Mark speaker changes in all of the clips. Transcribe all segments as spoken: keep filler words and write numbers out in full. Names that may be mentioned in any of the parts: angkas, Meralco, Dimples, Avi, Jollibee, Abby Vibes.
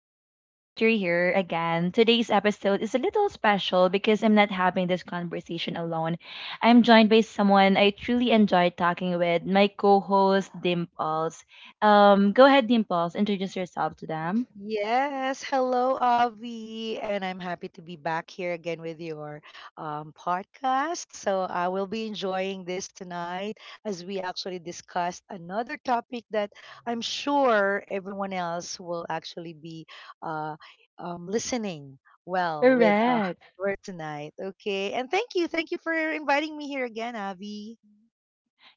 Speaker 1: I'm really glad you're here again. Today's episode is a little special because I'm not having this conversation alone. I'm joined by someone I truly enjoy talking with, my co host, Dimples. Um, go ahead, Dimples, introduce yourself to them.
Speaker 2: Yes, hello, Avi, and I'm happy to be back here again with your um, podcast. So I will be enjoying this tonight as we actually discussed another topic that I'm sure everyone else will actually be uh, um, listening well with uh,
Speaker 1: Correct.
Speaker 2: for tonight. Okay, and thank you, thank you for inviting me here again, Avi.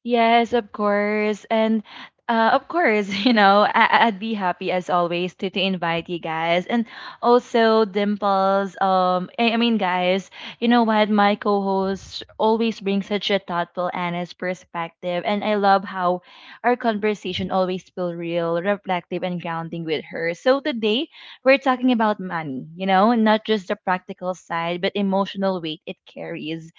Speaker 1: Yes, of course. And uh, of course, you know, I- I'd be happy as always to, to invite you guys. And also, Dimples, um, I I mean, guys, you know what? My co host always brings such a thoughtful, honest perspective. And I love how our conversation always feel real, reflective, and grounding with her. So today, we're talking about money, you know, not just the practical side, but emotional weight it carries,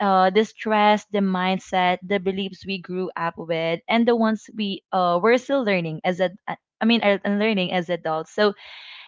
Speaker 1: uh, the stress, the mindset, the beliefs we grew up with, and the ones we uh, we're still learning as a, I mean, uh, learning as adults. So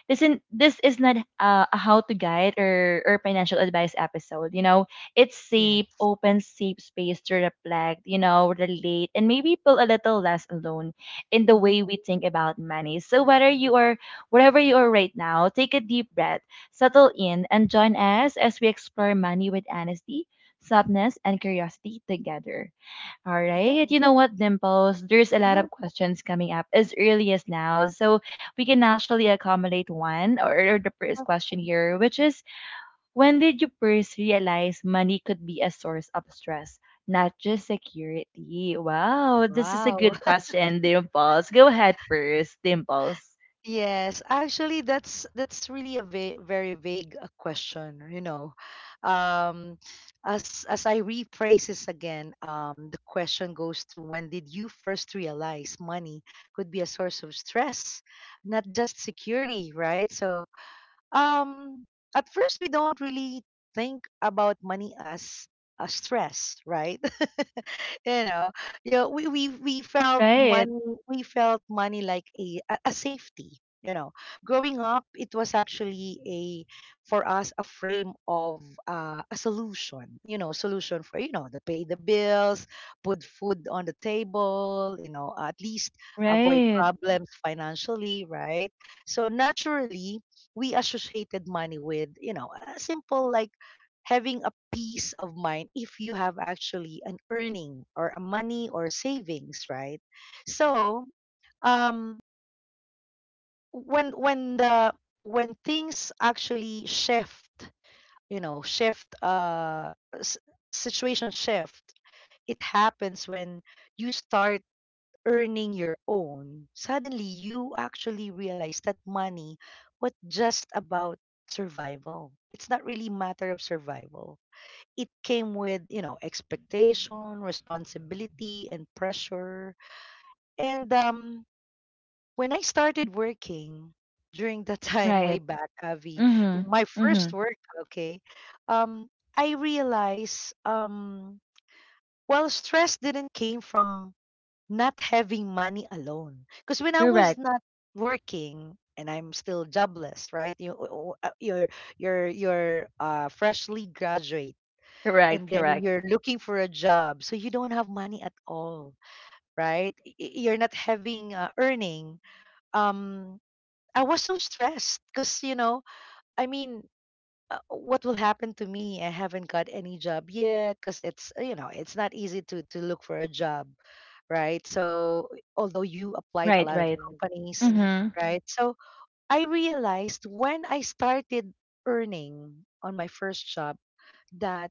Speaker 1: this in this is not uh, a how to guide or or financial advice episode. You know, it's safe,
Speaker 2: Yes.
Speaker 1: open, safe space to reflect. You know, relate, and maybe feel a little less alone in the
Speaker 2: Mm-hmm.
Speaker 1: way we think about money. So whether you are wherever you are right now, take a deep breath, settle in, and join us as we explore money with honesty, softness, and curiosity together. All
Speaker 2: Okay.
Speaker 1: right. You know what, Dimples? There's a lot
Speaker 2: Mm-hmm.
Speaker 1: of questions coming up as early as now. So we can actually accommodate one or, or the first question here, which is when did you first realize money could be a source of stress, not just security? Wow, this is a
Speaker 2: Wow.
Speaker 1: good question, Dimples. Go ahead first, Dimples.
Speaker 2: Yes, actually, that's that's really a va very vague uh, question, you know. Um, as as I rephrase this again, um, the question goes to, when did you first realize money could be a source of stress, not just security, right? So, um at first we don't really think about money as a stress, right? You know, you know, we, we we felt
Speaker 1: Right,
Speaker 2: money, we felt money like a a a safety, you know. Growing up, it was actually a for us a frame of uh, a solution, you know, solution for, you know, to pay the bills, put food on the table, you know, at least avoid
Speaker 1: right,
Speaker 2: problems financially, right? So naturally we associated money with, you know, a simple like having a peace of mind if you have actually an earning or a money or savings, right? So, um when when the when things actually shift, you know, shift uh s- situation shift. It happens when you start earning your own, suddenly you actually realize that money was just about survival. It's not really matter of survival. It came with, you know, expectation, responsibility, and pressure. And um, when I started working during the time way
Speaker 1: right.
Speaker 2: back, Avi,
Speaker 1: Mm-hmm.
Speaker 2: my
Speaker 1: Mm-hmm.
Speaker 2: first work, okay, um, I realized, um, well, stress didn't came from not having money alone. Because when I was
Speaker 1: Correct.
Speaker 2: not working and I'm still jobless, right? You, o- o- uh, you're you're you're uh, freshly graduate, and
Speaker 1: Correct.
Speaker 2: then
Speaker 1: Correct.
Speaker 2: you're looking for a job, so you don't have money at all, right? Y- y- You're not having uh, earning. Um, I was so stressed because, you know, I mean. Uh, what will happen to me? I haven't got any job yet because it's, uh, you know, it's not easy to to look for a job, right? So although you applied a
Speaker 1: Right,
Speaker 2: lot of
Speaker 1: right.
Speaker 2: companies,
Speaker 1: Mm-hmm.
Speaker 2: right? So I realized when I started earning on my first job that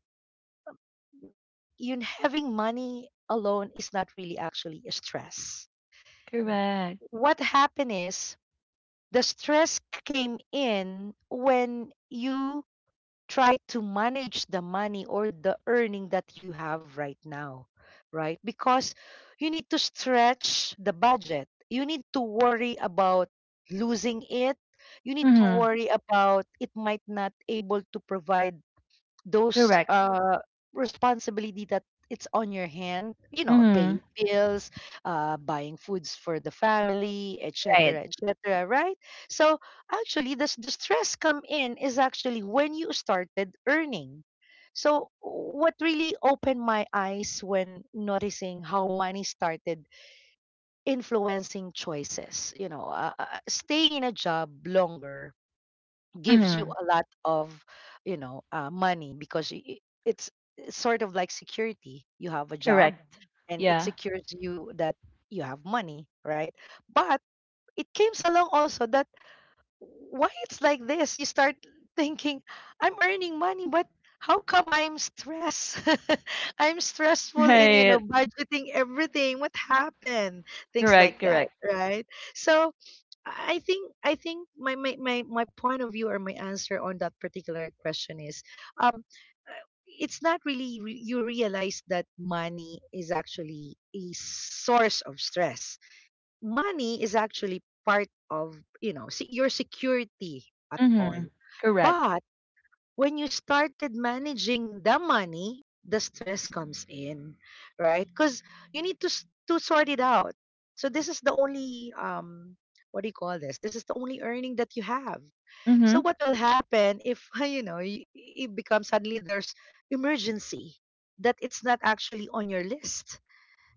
Speaker 2: you having money alone is not really actually a stress.
Speaker 1: Correct.
Speaker 2: What happened is the stress came in when you try to manage the money or the earning that you have right now, right? Because you need to stretch the budget. You need to worry about losing it. You need to
Speaker 1: Mm-hmm.
Speaker 2: worry about it might not able to provide those
Speaker 1: Correct.
Speaker 2: uh responsibility that it's on your hand, you know, paying
Speaker 1: Mhm.
Speaker 2: bills, uh buying foods for the family,
Speaker 1: Right.
Speaker 2: etc, etc, right? So actually the, s- the stress come in is actually when you started earning. So what really opened my eyes when noticing how money started influencing choices, you know, uh, uh, staying in a job longer gives you
Speaker 1: Mhm.
Speaker 2: a lot of, you know, uh, money, because i- i- it's sort of like security, you have a job,
Speaker 1: Correct.
Speaker 2: and it
Speaker 1: Yeah.
Speaker 2: secures you that you have money, right? But it comes along also that, why it's like this? You start thinking, I'm earning money, but how come I'm stressed? I'm stressful in, you know,
Speaker 1: Right.
Speaker 2: budgeting everything, what happened, things like
Speaker 1: Correct.
Speaker 2: that,
Speaker 1: Correct.
Speaker 2: right? So I I think I think my, my my my point of view or my answer on that particular question is, um uh, it's not really re- you realize that money is actually a source of stress. Money is actually part of, you know, se- your security at all.
Speaker 1: Mhm. Correct.
Speaker 2: But when you started managing the money, the stress comes in, right? Because you need to s- to sort it out. So this is the only, um what do you call this? This is the only earning that you have. So
Speaker 1: Mhm.
Speaker 2: what will happen if, you know, y- it becomes suddenly there's emergency that it's not actually on your list?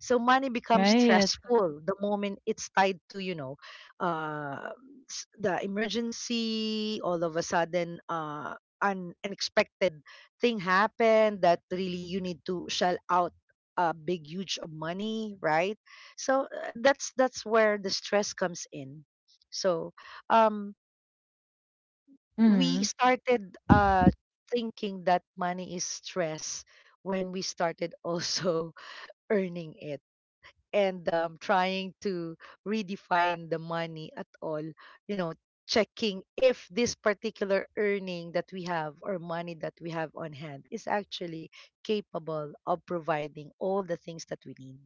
Speaker 2: So money becomes
Speaker 1: Right.
Speaker 2: stressful the moment it's tied to, you know, uh, s- the emergency, all of a sudden, uh, an unexpected thing happened that really you need to shell out a big huge of money, right? So, uh, that's that's where the stress comes in. So, um, we
Speaker 1: Mhm.
Speaker 2: started uh, thinking that money is stress when we started also earning it, and, um, trying to redefine the money at all, you know, checking if this particular earning that we have or money that we have on hand is actually capable of providing all the things that we need.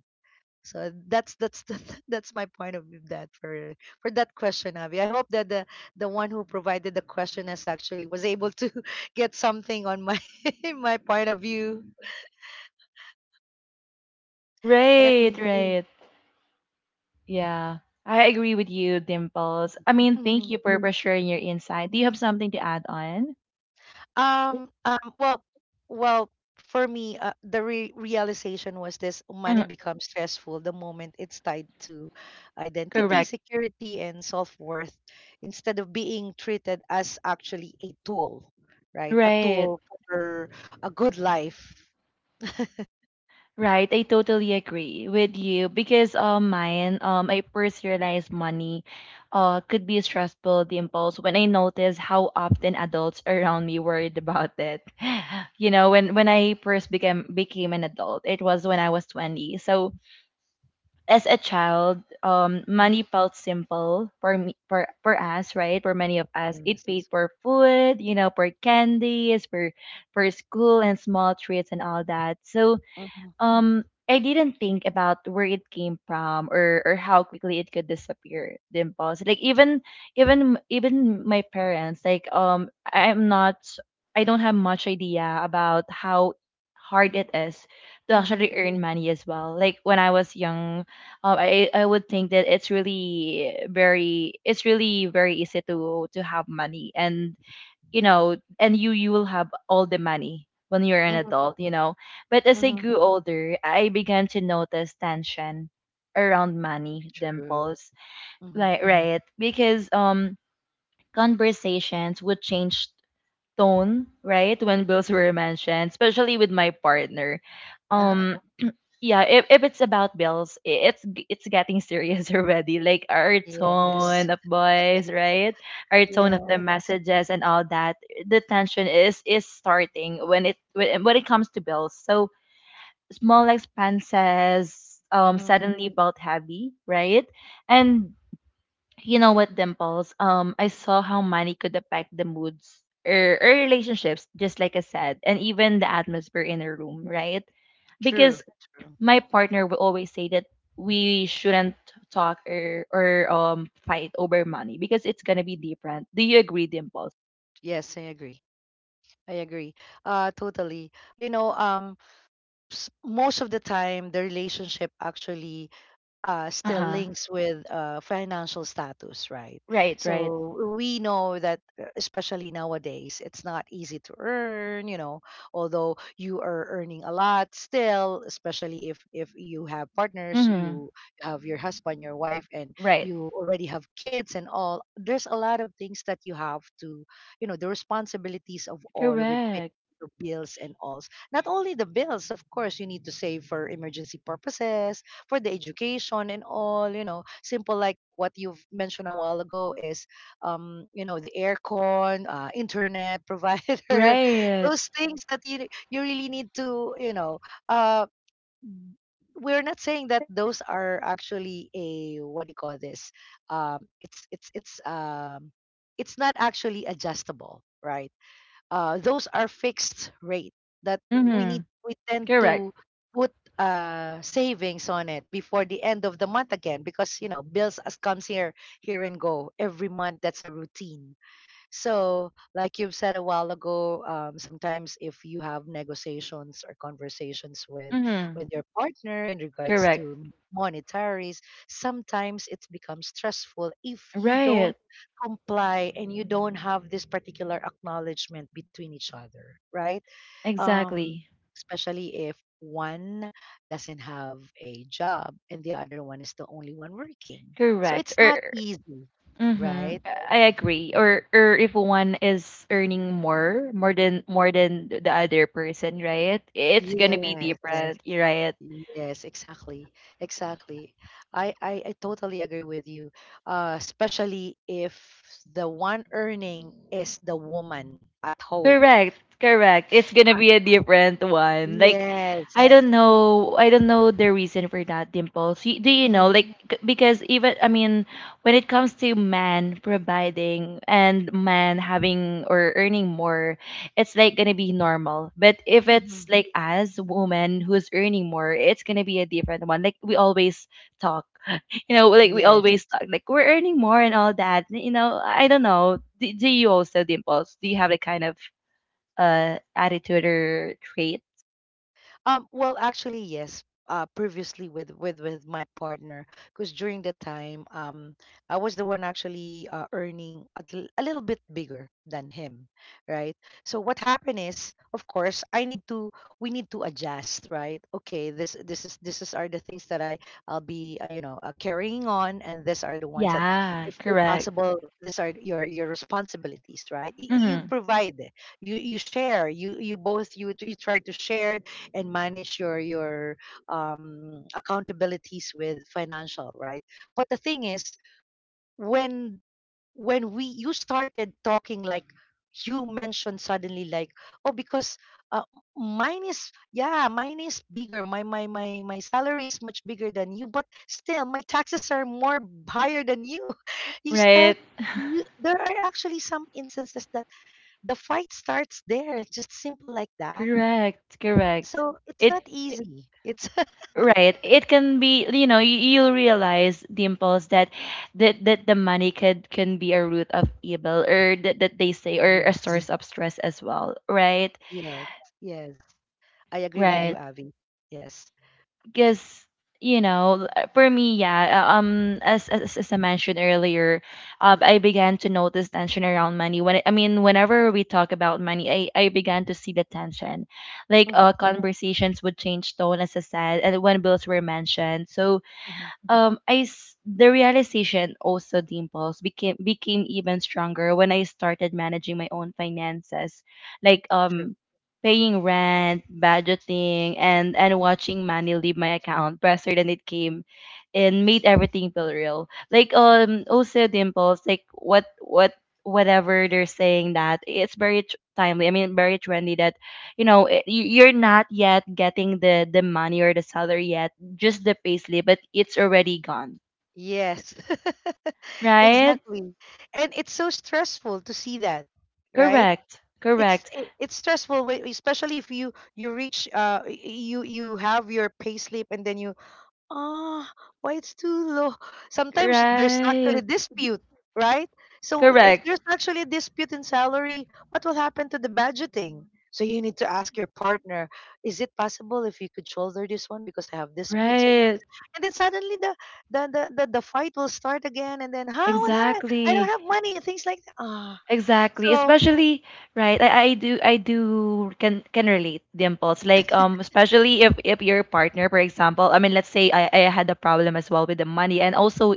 Speaker 2: So that's that's the, that's my point of view, that, for for that question, Avi, I hope that the the one who provided the question has actually was able to get something on my my point of view,
Speaker 1: Right.
Speaker 2: and
Speaker 1: Mm. Right. Yeah. I agree with you, Dimples. I mean,
Speaker 2: mm-hmm.
Speaker 1: thank you for, mm. for sharing your insight. Do you have something to add on?
Speaker 2: Um, um, well, well, for me, uh, the re realization was this: money
Speaker 1: Mhm.
Speaker 2: becomes stressful the moment it's tied to identity,
Speaker 1: Correct.
Speaker 2: security, and self-worth instead of being treated as actually a tool, right? A
Speaker 1: Right.
Speaker 2: tool for a good life.
Speaker 1: Right, I totally agree with you because um mine um I first realized money uh could be a stressful impulse when I noticed how often adults around me worried about it. You know, when when I first became became an adult, it was when I was twenty. So as a child, um
Speaker 2: Mhm.
Speaker 1: money felt simple for me for for us, right? For many of us, it paid
Speaker 2: Yes.
Speaker 1: for food, you know, for candies, for for school and small treats and all that. So
Speaker 2: Mm-hmm.
Speaker 1: um I didn't think about where it came from or or how quickly it could disappear the impulse, like even even even my parents, like um I- I'm not, I don't have much idea about how hard it is to
Speaker 2: Mm-hmm.
Speaker 1: actually earn money as well, like when I was young, uh, I I would think that it's really very, it's really very easy to to have money and you know, and you you will have all the money when you're an
Speaker 2: Mm-hmm.
Speaker 1: adult, you know, but as I
Speaker 2: Mm-hmm.
Speaker 1: grew older, I began to notice tension around money,
Speaker 2: True.
Speaker 1: Dimples,
Speaker 2: Mm-hmm.
Speaker 1: like right, because um conversations would change tone, right, when bills were mentioned, especially with my partner. um yeah, if, if it's about bills, i- it's g- it's getting serious already, like our
Speaker 2: Yes.
Speaker 1: tone of voice, right, our tone of the
Speaker 2: Yes.
Speaker 1: messages and all that. The tension is is starting when it, when, when it comes to bills. So small expenses um
Speaker 2: Mm-hmm.
Speaker 1: suddenly felt heavy, right? And you know what, Dimples? um I saw how money could affect the moods, or, or relationships, just like I said, and even the atmosphere in a room, right?
Speaker 2: True.
Speaker 1: Because
Speaker 2: True.
Speaker 1: my partner will always say that we shouldn't talk or or um fight over money because it's gonna be different. Do you agree, Dimples?
Speaker 2: Yes, I agree. I agree. Uh, totally. You know, um, s- most of the time, the relationship actually uh,
Speaker 1: Uh
Speaker 2: still
Speaker 1: huh.
Speaker 2: links with uh, financial status, right?
Speaker 1: Right. Right.
Speaker 2: So we know that, uh, especially nowadays, it's not easy to earn. You know, although you are earning a lot, still, especially if if you have partners,
Speaker 1: Mm-hmm.
Speaker 2: you have your husband, your wife, and
Speaker 1: Right.
Speaker 2: you already have kids and all. There's a lot of things that you have to, you know, the responsibilities of all with, paying
Speaker 1: Correct.
Speaker 2: the bills and all. Not only the bills, of course, you need to save for emergency purposes, for the education and all, you know, simple like what you've mentioned a while ago is, um you know, the aircon, uh, internet provider,
Speaker 1: Right.
Speaker 2: those things that you you really need to, you know, uh we're not saying that those are actually a, what do you call this, um it's it's it's um it's not actually adjustable, right? uh, those are fixed rate that we
Speaker 1: Mm-hmm.
Speaker 2: need we tend to
Speaker 1: Correct.
Speaker 2: put uh, savings on it before the end of the month again because, you know, bills as comes here here and go every month, that's a routine. So, like you've said a while ago, um, sometimes if you have negotiations or conversations with
Speaker 1: Mm-hmm.
Speaker 2: with your partner in regards
Speaker 1: Correct.
Speaker 2: to monetaries, sometimes it becomes stressful if you
Speaker 1: Right.
Speaker 2: don't comply and you don't have this particular acknowledgement between each other, right? Um,
Speaker 1: Exactly.
Speaker 2: especially if one doesn't have a job and the other one is the only one working. So
Speaker 1: Correct.
Speaker 2: it's not
Speaker 1: Or
Speaker 2: easy,
Speaker 1: mm-hmm.
Speaker 2: right?
Speaker 1: I agree. Or or if one is earning more, more than more than the other person, right? It's gonna be
Speaker 2: Yes.
Speaker 1: different, right?
Speaker 2: Yes, exactly. Exactly. I, I, I totally agree with you. Uh, especially if the one earning is the woman at home.
Speaker 1: Correct, correct. It's gonna be a different one. Like, I. Yeah.
Speaker 2: Yes.
Speaker 1: Don't know, I don't know the reason for that, Dimples. Y- Do you know,
Speaker 2: Mhm,
Speaker 1: like, c- because even, I mean, when it comes to man providing and man having or earning more, it's like gonna be normal. But if it's
Speaker 2: mhm.
Speaker 1: like as woman who's earning more, it's gonna be a different one. Like, we always talk, you know, like, we
Speaker 2: Yes.
Speaker 1: always talk, like, we're earning more and all that. You know, I don't know. Do, do you also, Dimples? Do you have the kind of uh, attitude or trait.
Speaker 2: Um, well, actually, yes. Uh, previously with with with my partner, because during that time, um, I was the one actually uh, earning a, l- a little bit bigger than him, right? So what happened is, of course, I need to we need to adjust, right? Okay, this this is this is are the things that I I'll be, uh, you know, uh, carrying on, and these are the ones that,
Speaker 1: Yeah,
Speaker 2: if, if
Speaker 1: correct.
Speaker 2: possible, these are your your responsibilities, right? Y- y- you
Speaker 1: Hmm.
Speaker 2: provide, you you share, you you both you you try to share and manage your your um, accountabilities with financial, right? But the thing is, when when we you started talking, like you mentioned suddenly, like, oh, because, uh, mine is yeah, mine is bigger, my my my my salary is much bigger than you, but still my taxes are more higher than you. you
Speaker 1: Right.
Speaker 2: start you, there are actually some instances that the fight starts there, just simple like that.
Speaker 1: Correct. Correct.
Speaker 2: So it's
Speaker 1: It,
Speaker 2: not
Speaker 1: it-
Speaker 2: easy, it's...
Speaker 1: right. It can be, you know, you, you'll realize, Dimples, that, that that the money could can be a root of evil or that, that they say, or a
Speaker 2: Yes.
Speaker 1: source of stress as well. Right.
Speaker 2: Yes. Yes. I agree with you,
Speaker 1: Right.
Speaker 2: Avi. Yes.
Speaker 1: Because you know, for me, yeah, uh, um as, as as I mentioned earlier, um I began to notice tension around money when i mean whenever we talk about money, i i began to see the tension, like
Speaker 2: Hmm.
Speaker 1: uh conversations would change tone as I said, and when bills were mentioned. So
Speaker 2: Hmm.
Speaker 1: um I s- the realization also, Dimples, became became even stronger when I started managing my own finances, like
Speaker 2: True.
Speaker 1: um paying rent, budgeting, and and watching money leave my account faster than it came, and made everything feel real, like um also, Dimples, like what what whatever they're saying, that it's very tr- timely I mean very trendy, that you know, it, you- you're not yet getting the the money or the salary yet, just the payslip, but it's already gone.
Speaker 2: Yes.
Speaker 1: Right?
Speaker 2: Exactly. And it's so stressful to see that, right?
Speaker 1: Correct.
Speaker 2: It's
Speaker 1: Correct.
Speaker 2: it, it's stressful, when- especially if you you reach, uh y- you you have your payslip and then you... Ah, why it's too low? Sometimes there's actually
Speaker 1: Right.
Speaker 2: dispute, right? So if
Speaker 1: Correct.
Speaker 2: there's actually a dispute in salary, what will happen to the budgeting? So you need to ask your partner, is it possible if you could shoulder this one because I have disputes and things?
Speaker 1: Right.
Speaker 2: And then suddenly the the the, the, the fight will start again, and then, how would I I don't
Speaker 1: Exactly.
Speaker 2: have money, things like that. Ah.
Speaker 1: Exactly.
Speaker 2: So,
Speaker 1: Especially right. I, I do, I do can can relate, Dimples. Like um especially if if your partner, for example, I mean, let's say I, I had a problem as well with the money, and also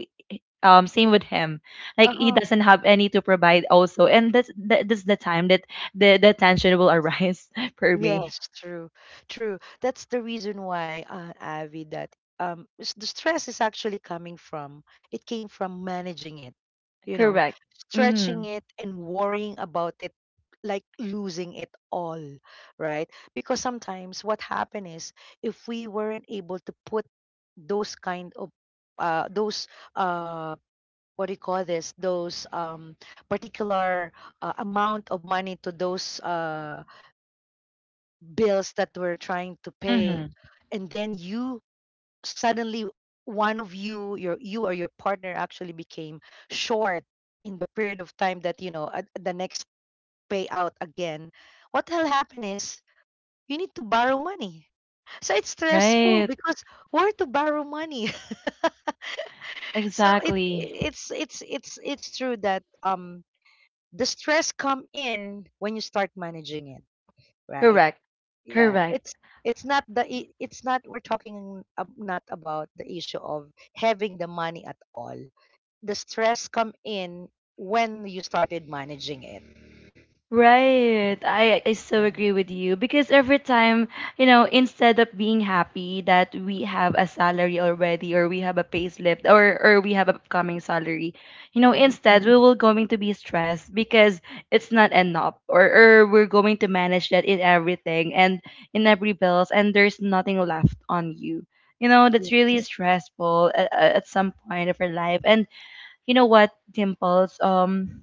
Speaker 1: um same with him. Like he
Speaker 2: uh-huh.
Speaker 1: doesn't have any to provide also. And that's that, that's the time that the, the tension will arise for me.
Speaker 2: Yes, true, true. That's the reason why, uh, Avi, that, um, s- the stress is actually coming from, it came from managing it, you know,
Speaker 1: Correct.
Speaker 2: stretching
Speaker 1: Mhm.
Speaker 2: it and worrying about it, like losing it all, right? Because sometimes what happened is, if we weren't able to put those kind of, uh, those, uh, what do you call this? Those um, particular uh, amount of money to those. Uh, bills that we're trying to pay,
Speaker 1: Mhm.
Speaker 2: and then you suddenly one of you your you or your partner actually became short in the period of time that, you know, at the next payout again what will happen is you need to borrow money. So it's stressful
Speaker 1: Right.
Speaker 2: because where to borrow money. so it
Speaker 1: Exactly.
Speaker 2: it's it's it's it's true that um the stress come in when you start managing it, right?
Speaker 1: Correct.
Speaker 2: yeah
Speaker 1: Correct.
Speaker 2: it's it's not the i- it's not, we're talking ab- not about the issue of having the money at all. The stress come in when you started managing it.
Speaker 1: Right. I I so
Speaker 2: Yeah.
Speaker 1: agree with you because every time, you know, instead of being happy that we have a salary already, or we have a payslip, or or we have upcoming salary, you know,
Speaker 2: Hmm.
Speaker 1: instead we will going to be stressed because it's not enough, or or we're going to manage that in everything and in every bills, and there's nothing left on you. You know, that's really
Speaker 2: Yes.
Speaker 1: stressful at, at some point of your life. And you know what, Dimples? Um,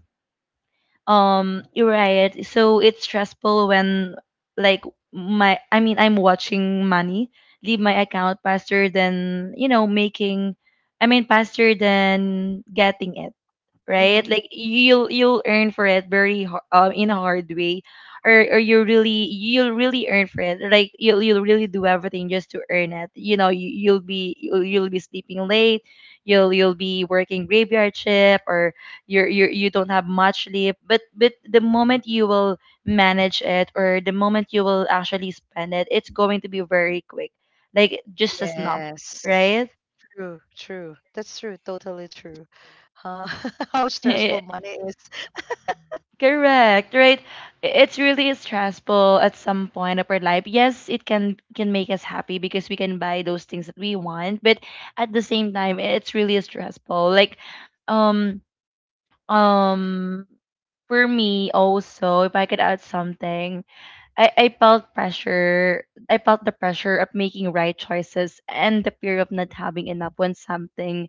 Speaker 1: um, You're right. So it's stressful when, like, my I mean, I'm watching money leave my account faster than, you know, making. I mean, faster than getting it,
Speaker 2: Hmm.
Speaker 1: right? Like you'll you'll earn for it very, har- um in a hard way, or or you really you'll really earn for it. Like you'll you'll really do everything just to earn it. You know, you, you'll be, you'll, you'll be sleeping late, you'll you'll be working graveyard shift, or you're you you don't have much sleep. But but the moment you will manage it, or the moment you will actually spend it, it's going to be very quick, like just a snap,
Speaker 2: Yes.
Speaker 1: right?
Speaker 2: True, true. That's true, totally true. uh, how stressful money is.
Speaker 1: Correct, right? It's really stressful at some point of our life. Yes, it can can make us happy because we can buy those things that we want, but at the same time, it's really stressful. Like, um, um, for me also, if I could add something, I, I felt pressure. I felt the pressure of making right choices, and the fear of not having enough when something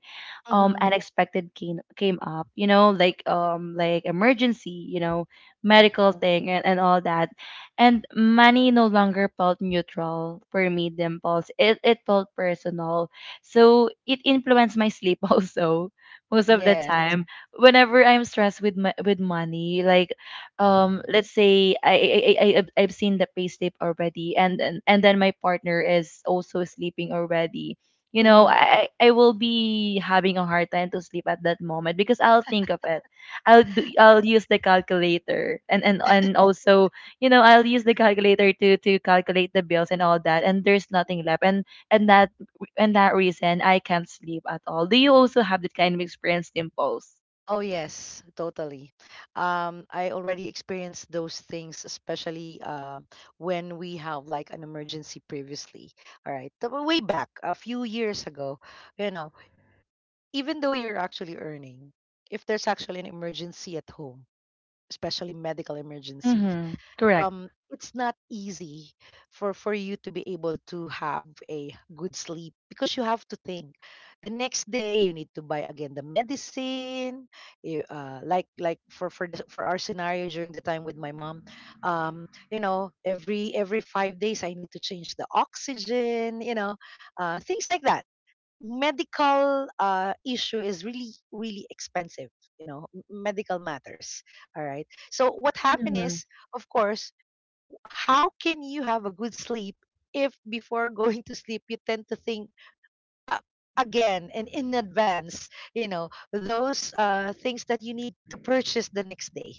Speaker 1: um
Speaker 2: Hmm.
Speaker 1: unexpected came came up, you know, like um like emergency, you know, medical thing, and, and all that. And money no longer felt neutral for me, Dimples. It it felt personal. So it influenced my sleep also most of the
Speaker 2: Yes.
Speaker 1: time. Whenever I'm stressed with my, with money, like um let's say I I I I- I've seen the payslip already, and and and then my partner is also sleeping already. You know,
Speaker 2: Hmm.
Speaker 1: I I I will be having a hard time to sleep at that moment, because I'll think of it. I'll do I'll use the calculator, and and and also, you know, I'll use the calculator to to calculate the bills and all that, and there's nothing left, and and that, and that reason I can't sleep at all. Do you also have that kind of experience, Dimples?
Speaker 2: Oh yes, totally. Um, I already experienced those things, especially uh, when we have like an emergency previously. All right, the way back a few years ago, you know, even though you're actually earning, if there's actually an emergency at home, especially medical emergency,
Speaker 1: Mm-hmm. Correct.
Speaker 2: um it's not easy for for you to be able to have a good sleep because you have to think the next day you need to buy again the medicine. You, uh, like like for for the, for our scenario during the time with my mom, um you know, every every five days I need to change the oxygen, you know, uh things like that. Medical uh issue is really really expensive, you know, m- medical matters. All right, so what happened is, of course, how can you have a good sleep if before going to sleep you tend to think, uh, again and in advance, you know, those uh, things that you need to purchase the next day.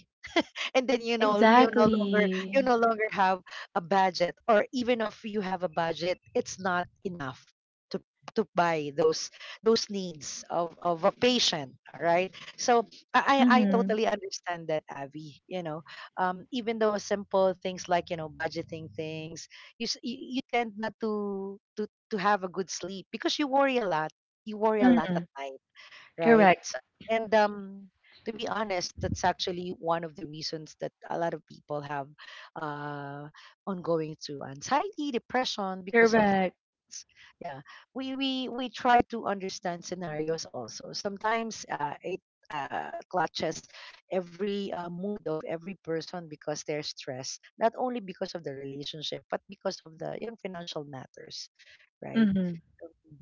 Speaker 2: And then you know you no longer you
Speaker 1: Exactly.
Speaker 2: no longer have a budget, or even if you have a budget it's not enough to to buy those those needs of of a patient. All right, so i i I
Speaker 1: Mm-hmm.
Speaker 2: totally understand that, Avi, you know. Um even though simple things like, you know, budgeting things, you s- you, you tend not to to to have a good sleep because you worry a lot. You worry a lot
Speaker 1: Mm-hmm.
Speaker 2: at night, right?
Speaker 1: Correct.
Speaker 2: And um, to be honest, that's actually one of the reasons that a lot of people have uh, ongoing to anxiety, depression because of
Speaker 1: Correct.
Speaker 2: this. Yeah, we we we try to understand scenarios also. Sometimes uh, it uh, clutches every uh, mood of every person because they're stressed, not only because of the relationship but because of, the you know, financial matters, right?
Speaker 1: Mm-hmm.
Speaker 2: Um,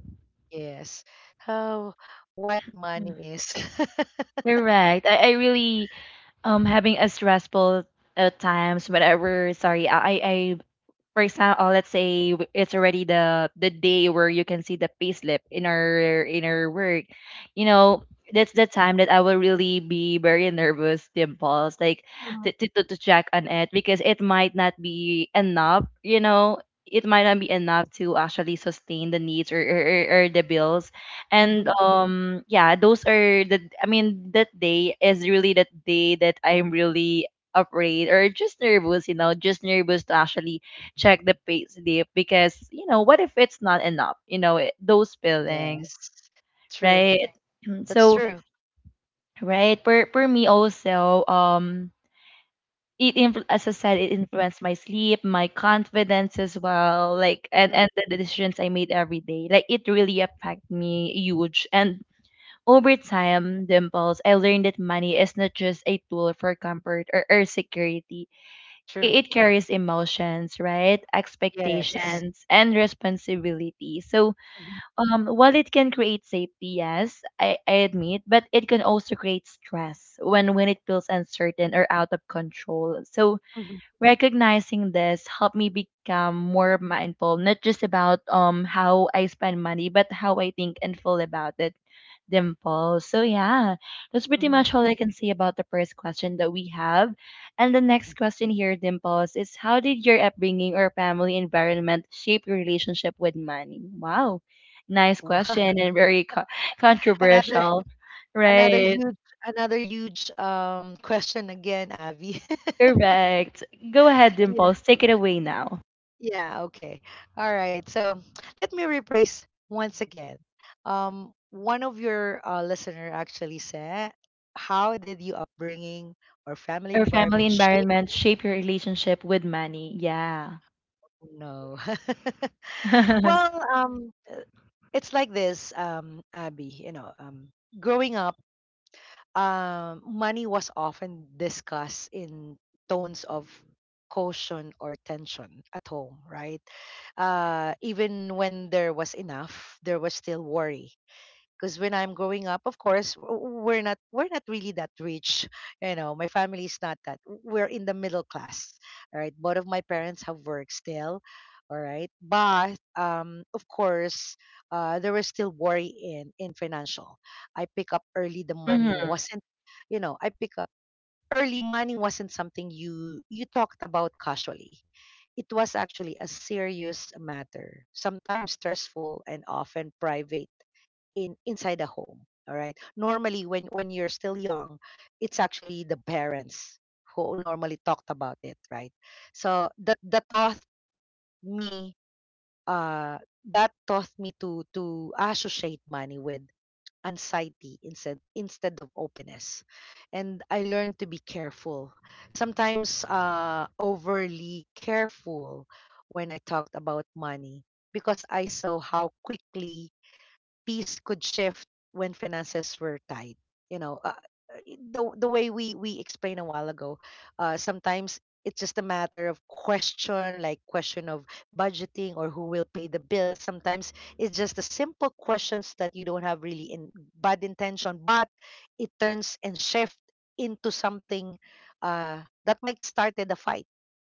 Speaker 2: yes. Oh, what money is.
Speaker 1: Correct. I, I really um having a stressful uh, times whatever. Sorry, I I I For example, let's say w- it's already the the day where you can see the payslip in our in our work, you know, that's the time that I will really be very nervous, dimples, like to, to to to check on it because it might not be enough, you know, it might not be enough to actually sustain the needs or or, or or the bills, and
Speaker 2: Mm-hmm.
Speaker 1: um yeah, those are the I mean that day is really the day that I'm really afraid or just nervous, you know, just nervous to actually check the pay slip because you know what if it's not enough, you know it, those feelings,
Speaker 2: Yes. True.
Speaker 1: right.
Speaker 2: That's
Speaker 1: So
Speaker 2: true.
Speaker 1: right, for for me also, um it influ- as I said, it influenced my sleep, my confidence as well, like, and
Speaker 2: Hmm.
Speaker 1: and the decisions I made every day. Like it really affected me huge. And over time, dimples, I learned that money is not just a tool for comfort or, or security.
Speaker 2: True.
Speaker 1: I- it carries emotions, right?
Speaker 2: Yes.
Speaker 1: Expectations and responsibility. So, um, while it can create safety, yes, I, I admit, but it can also create stress when when it feels uncertain or out of control. So,
Speaker 2: Mm-hmm.
Speaker 1: recognizing this helped me become more mindful, not just about um how I spend money, but how I think and feel about it, dimples. So yeah, that's pretty
Speaker 2: Hmm.
Speaker 1: much all I can say about the first question that we have. And the next question here, Dimples, is how did your upbringing or family environment shape your relationship with money? Wow, nice
Speaker 2: Wow.
Speaker 1: question and very co-
Speaker 2: Another,
Speaker 1: controversial,
Speaker 2: another
Speaker 1: right?
Speaker 2: huge, another huge um question again, Avi.
Speaker 1: Correct. Go ahead,
Speaker 2: Yeah.
Speaker 1: Dimples. Take it away now.
Speaker 2: Yeah, okay. All right. So let me rephrase once again. Um one of your uh, listener actually said, "How did your upbringing or family
Speaker 1: Your family
Speaker 2: environment shape?"
Speaker 1: environment shape your relationship with money. Yeah.
Speaker 2: No. Well, um, uh, it's like this, um, Abby. You know, um, growing up, um, money was often discussed in tones of caution or tension at home, right? Uh, even when there was enough, there was still worry because when I'm growing up, of course, w- we're not, we're not really that rich. You know, my family is not that. We're in the middle class. All right, both of my parents have work still. All right, but um, of course, uh, there was still worry in in financial. I pick up early. The money
Speaker 1: Hmm.
Speaker 2: wasn't, you know, I pick up early. Money wasn't something you you talked about casually. It was actually a serious matter, sometimes stressful and often private, in inside the home. All right, normally, when when you're still young, it's actually the parents who normally talked about it, right? So that that taught me, uh that taught me to to associate money with anxiety instead, instead of openness. And I learned to be careful, sometimes uh overly careful when I talked about money, because I saw how quickly peace could shift when finances were tight. You know, uh, eh, the the way we we explained a while ago, uh, sometimes it's just a matter of question, like question of budgeting or who will pay the bills. Sometimes it's just the simple questions that you don't have really in bad intention, but it turns and shift into something uh, that might start a fight,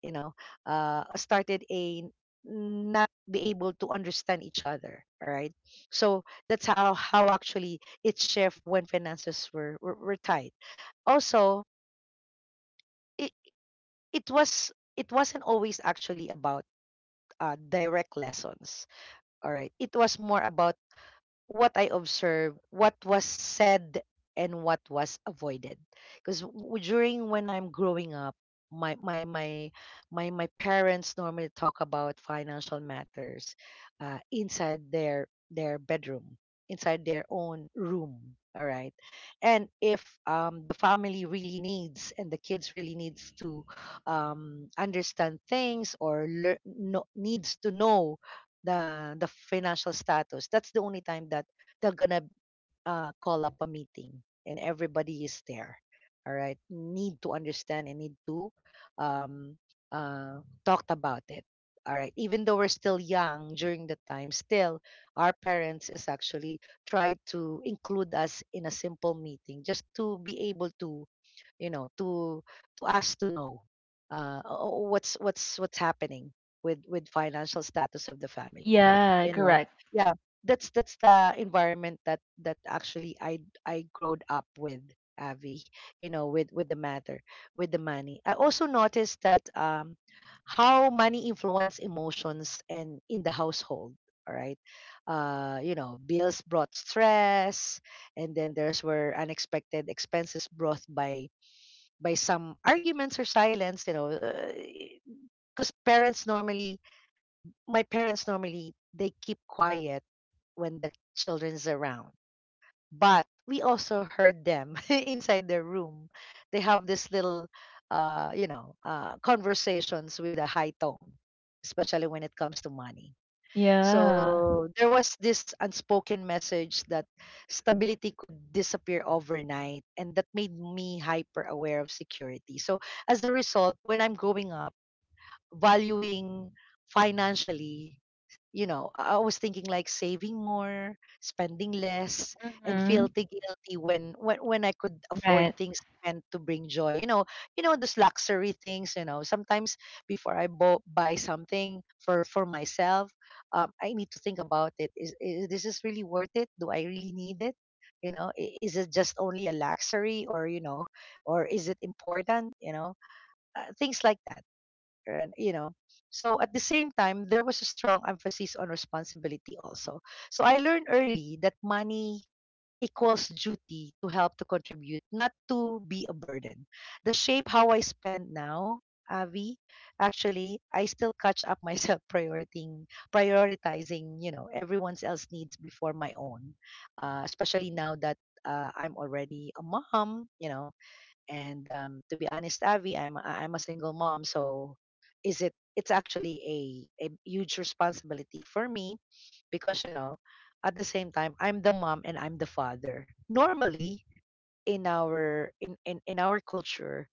Speaker 2: you know, uh started a not be able to understand each other. All right, so that's how how actually it shift when finances were were, were tight. Also, it, it was, it wasn't always actually about uh, direct lessons. All right, it was more about what I observed, what was said, and what was avoided. Because during when I'm growing up, my my my my my parents normally talk about financial matters, uh, inside their their bedroom, inside their own room. All right, and if um, the family really needs and the kids really needs to um, understand things or lear- no, needs to know the the financial status, that's the only time that they're gonna uh, call up a meeting and everybody is there. All right. Need to understand and need to um, uh, talk about it. All right. Even though we're still young during the time, still our parents is actually try to include us in a simple meeting just to be able to, you know, to to ask to know, uh, o- o- what's what's what's happening with with financial status of the family.
Speaker 1: Yeah,
Speaker 2: You know,
Speaker 1: correct.
Speaker 2: yeah, that's that's the environment that that actually I I growed up with, Avi, you know, with with the matter, with the money. I also noticed that um, how money influence emotions and in the household. All right, uh, you know, bills brought stress, and then there's were unexpected expenses brought by by some arguments or silence. You know, because parents normally, my parents normally they keep quiet when the children's around, but we also heard them inside their room. They have this little uh you know uh conversations with a high tone, especially when it comes to money.
Speaker 1: Yeah.
Speaker 2: So there was this unspoken message that stability could disappear overnight, and that made me hyper aware of security. So as a result, when I'm growing up, valuing financially, you know, I I was thinking like saving more, spending less, and
Speaker 1: Hmm.
Speaker 2: feeling guilty when when when I could afford
Speaker 1: Right.
Speaker 2: things meant to bring joy. You know, you know those luxury things. You know, sometimes before I bo- buy something for for myself, um, I need to think about it. Is, is this is really worth it? Do I really need it? You know, i- is it just only a luxury, or you know, or is it important? You know, uh, things like that. And you know, so at the same time there was a strong emphasis on responsibility also. So I learned early that money equals duty to help, to contribute, not to be a burden. The shape how I spend now, Avi, actually I still catch up myself prioritizing, prioritizing, you know, everyone else needs before my own. Uh, especially now that uh, I'm already a mom, you know. And, um, to be honest, Avi, I'm I- I'm a single mom. So is it, it's actually a, a huge responsibility for me, because, you know, at the same time, I'm the mom and I'm the father. Normally, in our in, in, in our culture,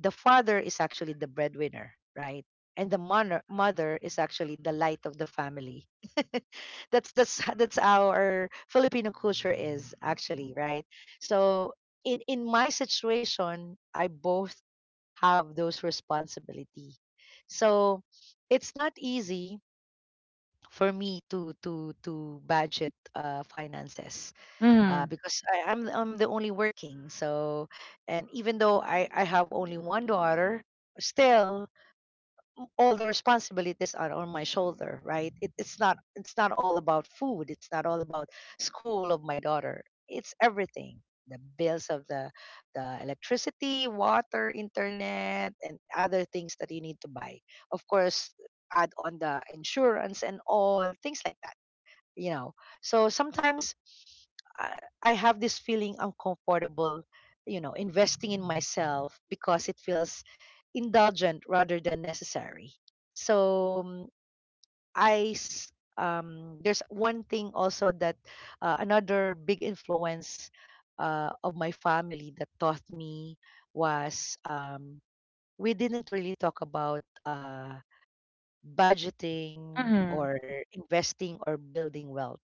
Speaker 2: the father is actually the breadwinner, right? And the mother mother is actually the light of the family. That's that's h- that's how our Filipino culture is actually, right? So in in my situation, I both have those responsibility. So it's not easy for me to to to budget uh, finances, uh,
Speaker 1: Mm-hmm.
Speaker 2: because I, I'm I'm the only working. So, and even though I I have only one daughter, still all the responsibilities are on my shoulder, right? It, it's not, it's not all about food. It's not all about school of my daughter. It's everything. The bills of the the electricity, water, internet, and other things that you need to buy. Of course, add on the insurance and all things like that, you know. So sometimes i, I have this feeling uncomfortable, you know, investing in myself because it feels indulgent rather than necessary. So mm, i s- um, there's one thing also that uh, another big influence uh, of my family that taught me was um, we didn't really talk about uh, budgeting
Speaker 1: Mhm.
Speaker 2: or investing or building wealth.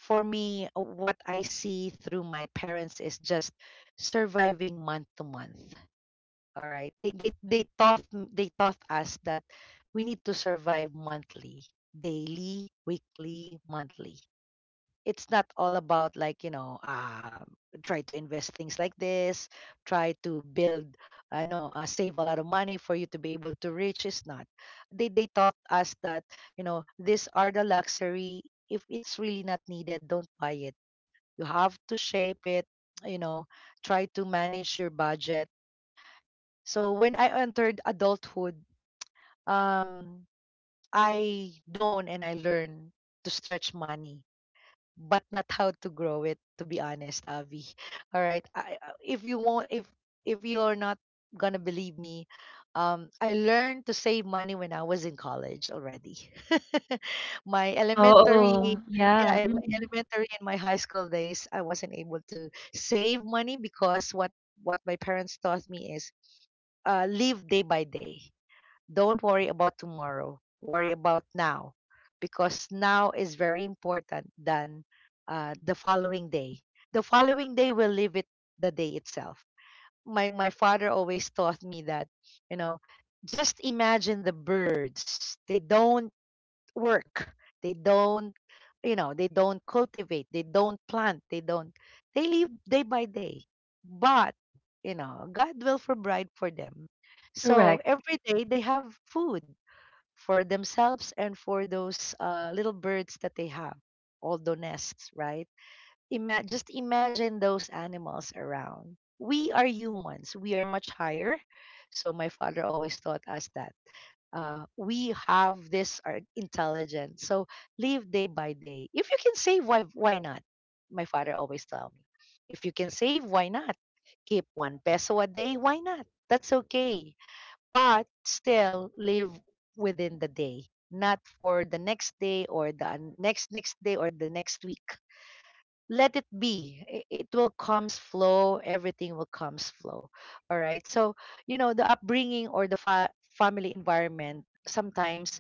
Speaker 2: For me, uh, what I see through my parents is just surviving month to month. All right, they they they taught m- they taught us that we need to survive monthly, daily, weekly, monthly. It's not all about, like, you know um try to invest things like this, try to build. I know uh, save a lot of money for you to be able to reach. It's not... they they taught us that, you know, these are the luxury. If it's really not needed, don't buy it. You have to shape it, you know. Try to manage your budget. So when I entered adulthood, um I known and I learned to stretch money, but not how to grow it, to be honest, Avi. All right, I, I- if you won't, if if you're not gonna believe me, um I learned to save money when I was in college already. My elementary...
Speaker 1: Oh.
Speaker 2: Yeah,
Speaker 1: Yeah,
Speaker 2: in my
Speaker 1: mm,
Speaker 2: elementary and my high school days I wasn't able to save money because what what my parents taught me is, uh live day by day. Don't worry about tomorrow. Worry about now, because now is very important than, uh, the following day. The following day will live it, the day itself. My my father always taught me that, you know, just imagine the birds. They don't work. They don't, you know, they don't cultivate, they don't plant, they don't, they live day by day. But, you know, God will provide for them. So
Speaker 1: correct.
Speaker 2: every day they have food for themselves and for those uh, little birds that they have, all the nests, right? Ima- just imagine those animals around. We are humans, we are much higher. So my father always taught us that, uh, we have this are intelligence. So live day by day. If you can save, why why not? My father always tell me, if you can save, why not? Keep one peso a day, why not? That's okay. But still live within the day, not for the next day or the next next day or the next week. Let it be, it, it will comes flow, everything will comes flow. All right, so you know, the upbringing or the fa- family environment sometimes,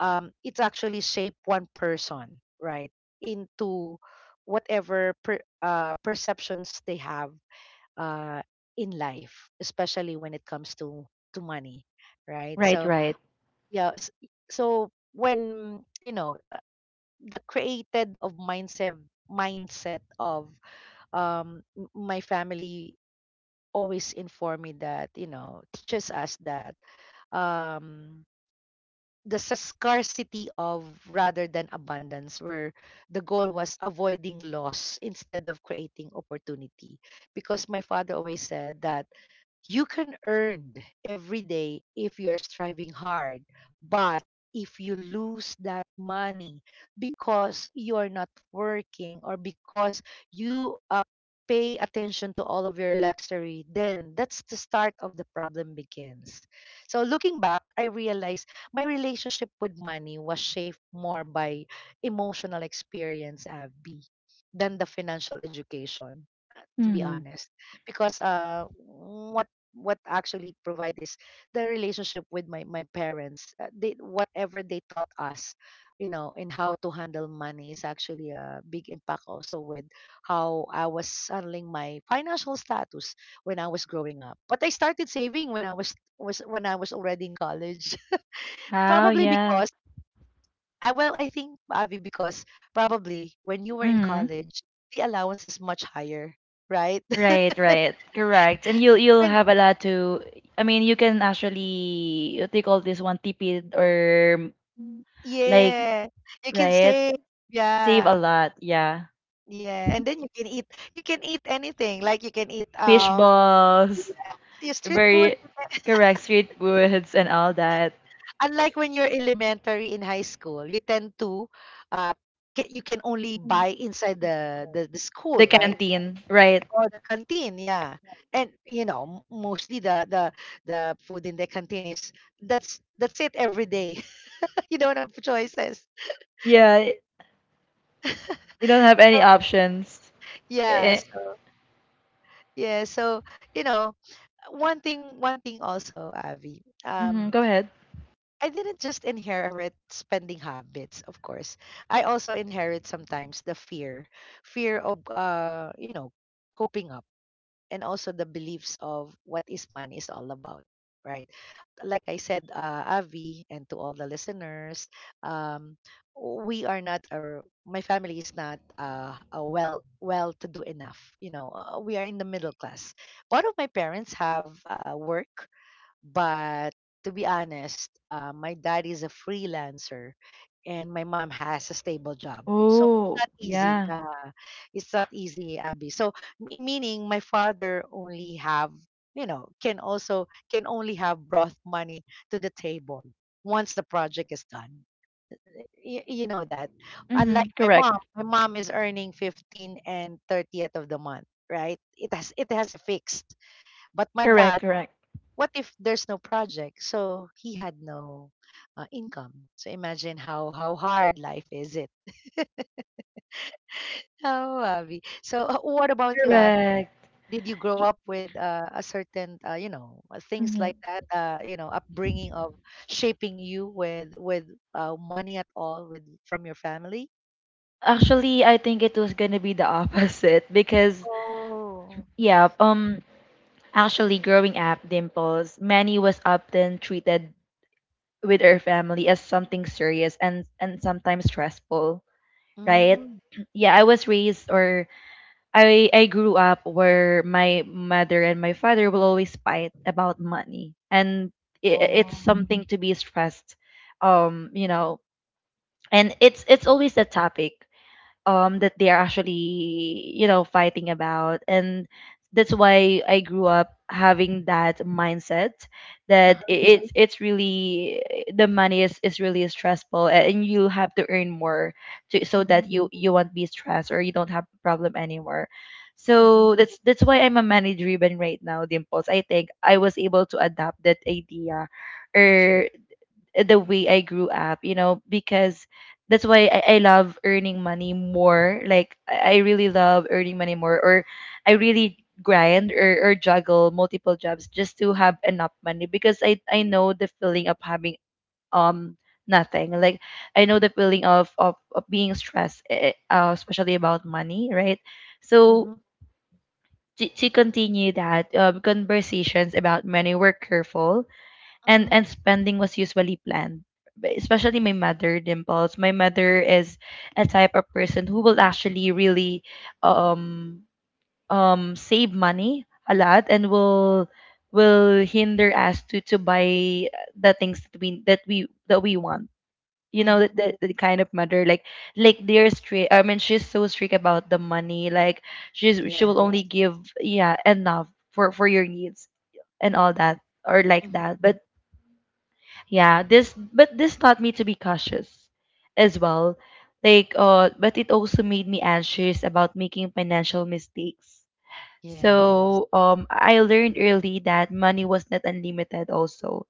Speaker 2: um it's actually shape one person, right? Into whatever per, uh, perceptions they have uh in life, especially when it comes to to money, right?
Speaker 1: Right,
Speaker 2: So,
Speaker 1: right.
Speaker 2: yeah, s- so when you know, uh, the created of mindset mindset of um m- my family, always inform me that, you know, teaches us that, um the s- scarcity of rather than abundance, where the goal was avoiding loss instead of creating opportunity. Because my father always said that you can earn every day if you're striving hard. But if you lose that money because you're not working, or because you, uh, pay attention to all of your luxury, then that's the start of the problem begins. So looking back, I realized my relationship with money was shaped more by emotional experience, Abby, than the financial education, to be
Speaker 1: Mhm.
Speaker 2: honest. Because uh what what actually provide is the relationship with my my parents, uh, they, whatever they taught us, you know, in how to handle money is actually a big impact also with how I was handling my financial status when I was growing up. But I started saving when I was was when I was already in college.
Speaker 1: Oh,
Speaker 2: Probably
Speaker 1: yeah.
Speaker 2: because I well, I think, Avi, because probably when you were in
Speaker 1: Mhm.
Speaker 2: college, the allowance is much higher, right?
Speaker 1: Right, right, correct. And you'll you'll have a lot to, I mean, you can actually what do you call this one, tipid or
Speaker 2: Mm,
Speaker 1: like,
Speaker 2: yeah. You can
Speaker 1: right?
Speaker 2: say
Speaker 1: Save a
Speaker 2: yeah.
Speaker 1: lot, yeah.
Speaker 2: Yeah. And then you can eat you can eat anything. Like you can eat,
Speaker 1: Fish
Speaker 2: um
Speaker 1: balls,
Speaker 2: yes, your street food.
Speaker 1: very correct, street foods and all that.
Speaker 2: Unlike when you're elementary in high school, you tend to, uh ca- you can only buy inside the, the the school,
Speaker 1: The
Speaker 2: right?
Speaker 1: canteen, right.
Speaker 2: Or the canteen, yeah. And you know, m- mostly the the the food in the canteen is, that's that's it every day. You don't have choices.
Speaker 1: Yeah, you don't have
Speaker 2: So
Speaker 1: any options.
Speaker 2: yeah,
Speaker 1: Eh,
Speaker 2: so yeah, so you know, one thing one thing also, Avi,
Speaker 1: mhm,
Speaker 2: um
Speaker 1: go ahead.
Speaker 2: I didn't just inherit spending habits. Of course I also inherit sometimes the fear fear of, uh you know, coping up, and also the beliefs of what is money is all about, right? Like I said, uh Avi, and to all the listeners, um we are not a, my family is not uh, a well, well to do enough, you know. Uh, we are in the middle class. Both of my parents have, uh, work. But to be honest, uh, my dad is a freelancer and my mom has a stable job. So it's
Speaker 1: Oh,
Speaker 2: not easy.
Speaker 1: yeah.
Speaker 2: Uh, it's not easy, Abby. So me- meaning, my father only have, you know, can also can only have brought money to the table once the project is done. Y- you know that. Unlike
Speaker 1: Mhm.
Speaker 2: my
Speaker 1: Correct.
Speaker 2: mom, my mom is earning fifteen and thirtieth of the month, right? It has it has a fixed. But my
Speaker 1: Correct,
Speaker 2: dad,
Speaker 1: correct.
Speaker 2: what if there's no project? So he had no, uh, income. So imagine how how hard life is it. Oh, Abby. So, uh, what about you, Abby?
Speaker 1: Correct.
Speaker 2: Did you grow up with, uh, a certain, uh, you know, uh, things
Speaker 1: Mhm.
Speaker 2: like that? Uh, you know, upbringing of shaping you with with, uh, money at all, with from your family?
Speaker 1: Actually, I think it was gonna be the opposite because
Speaker 2: Oh.
Speaker 1: yeah, um actually growing up, Dimples, Manny was often treated with her family as something serious and and sometimes stressful, right?
Speaker 2: Mm.
Speaker 1: Yeah, I was raised or I I grew up where my mother and my father will always fight about money, and i i- it's
Speaker 2: Oh.
Speaker 1: something to be stressed, um, you know, and it's it's always a topic, um, that they are actually, you know, fighting about. And that's why I grew up having that mindset that i-
Speaker 2: Uh-huh.
Speaker 1: Mhm. it's it's really the money is, is really stressful, a- and you have to earn more to, so
Speaker 2: Mm-hmm.
Speaker 1: that you you won't be stressed or you don't have problem anymore.
Speaker 2: Mm-hmm.
Speaker 1: So that's that's why I'm a money driven right now, dimples. I think I was able to adapt that idea
Speaker 2: True.
Speaker 1: or the way I grew up, you know, because that's why I, I love earning money more. Like I I really love earning money more, or I really grind or, or juggle multiple jobs just to have enough money because I I know the feeling of having, um, nothing. Like I know the feeling of of, of being stressed, eh, eh, uh, especially about money, right? So.
Speaker 2: Mm-hmm.
Speaker 1: To, to continue that, um, conversations about money were careful and
Speaker 2: Mm-hmm.
Speaker 1: and spending was usually planned, especially my mother, dimples. My mother is a type of person who will actually really um um save money a lot and will will hinder us to to buy the things that we that we that we want, you know,
Speaker 2: Mm-hmm.
Speaker 1: the, the, the kind of mother, like like they're strict. I mean, she's so strict about the money. Like she's she
Speaker 2: Yes.
Speaker 1: will only give, yeah, enough for for your needs and all that or like
Speaker 2: Mm-hmm.
Speaker 1: that. But yeah, this but this taught me to be cautious as well. Like, uh, but it also made me anxious about making financial mistakes.
Speaker 2: Yes.
Speaker 1: So um I learned early that money was not unlimited also,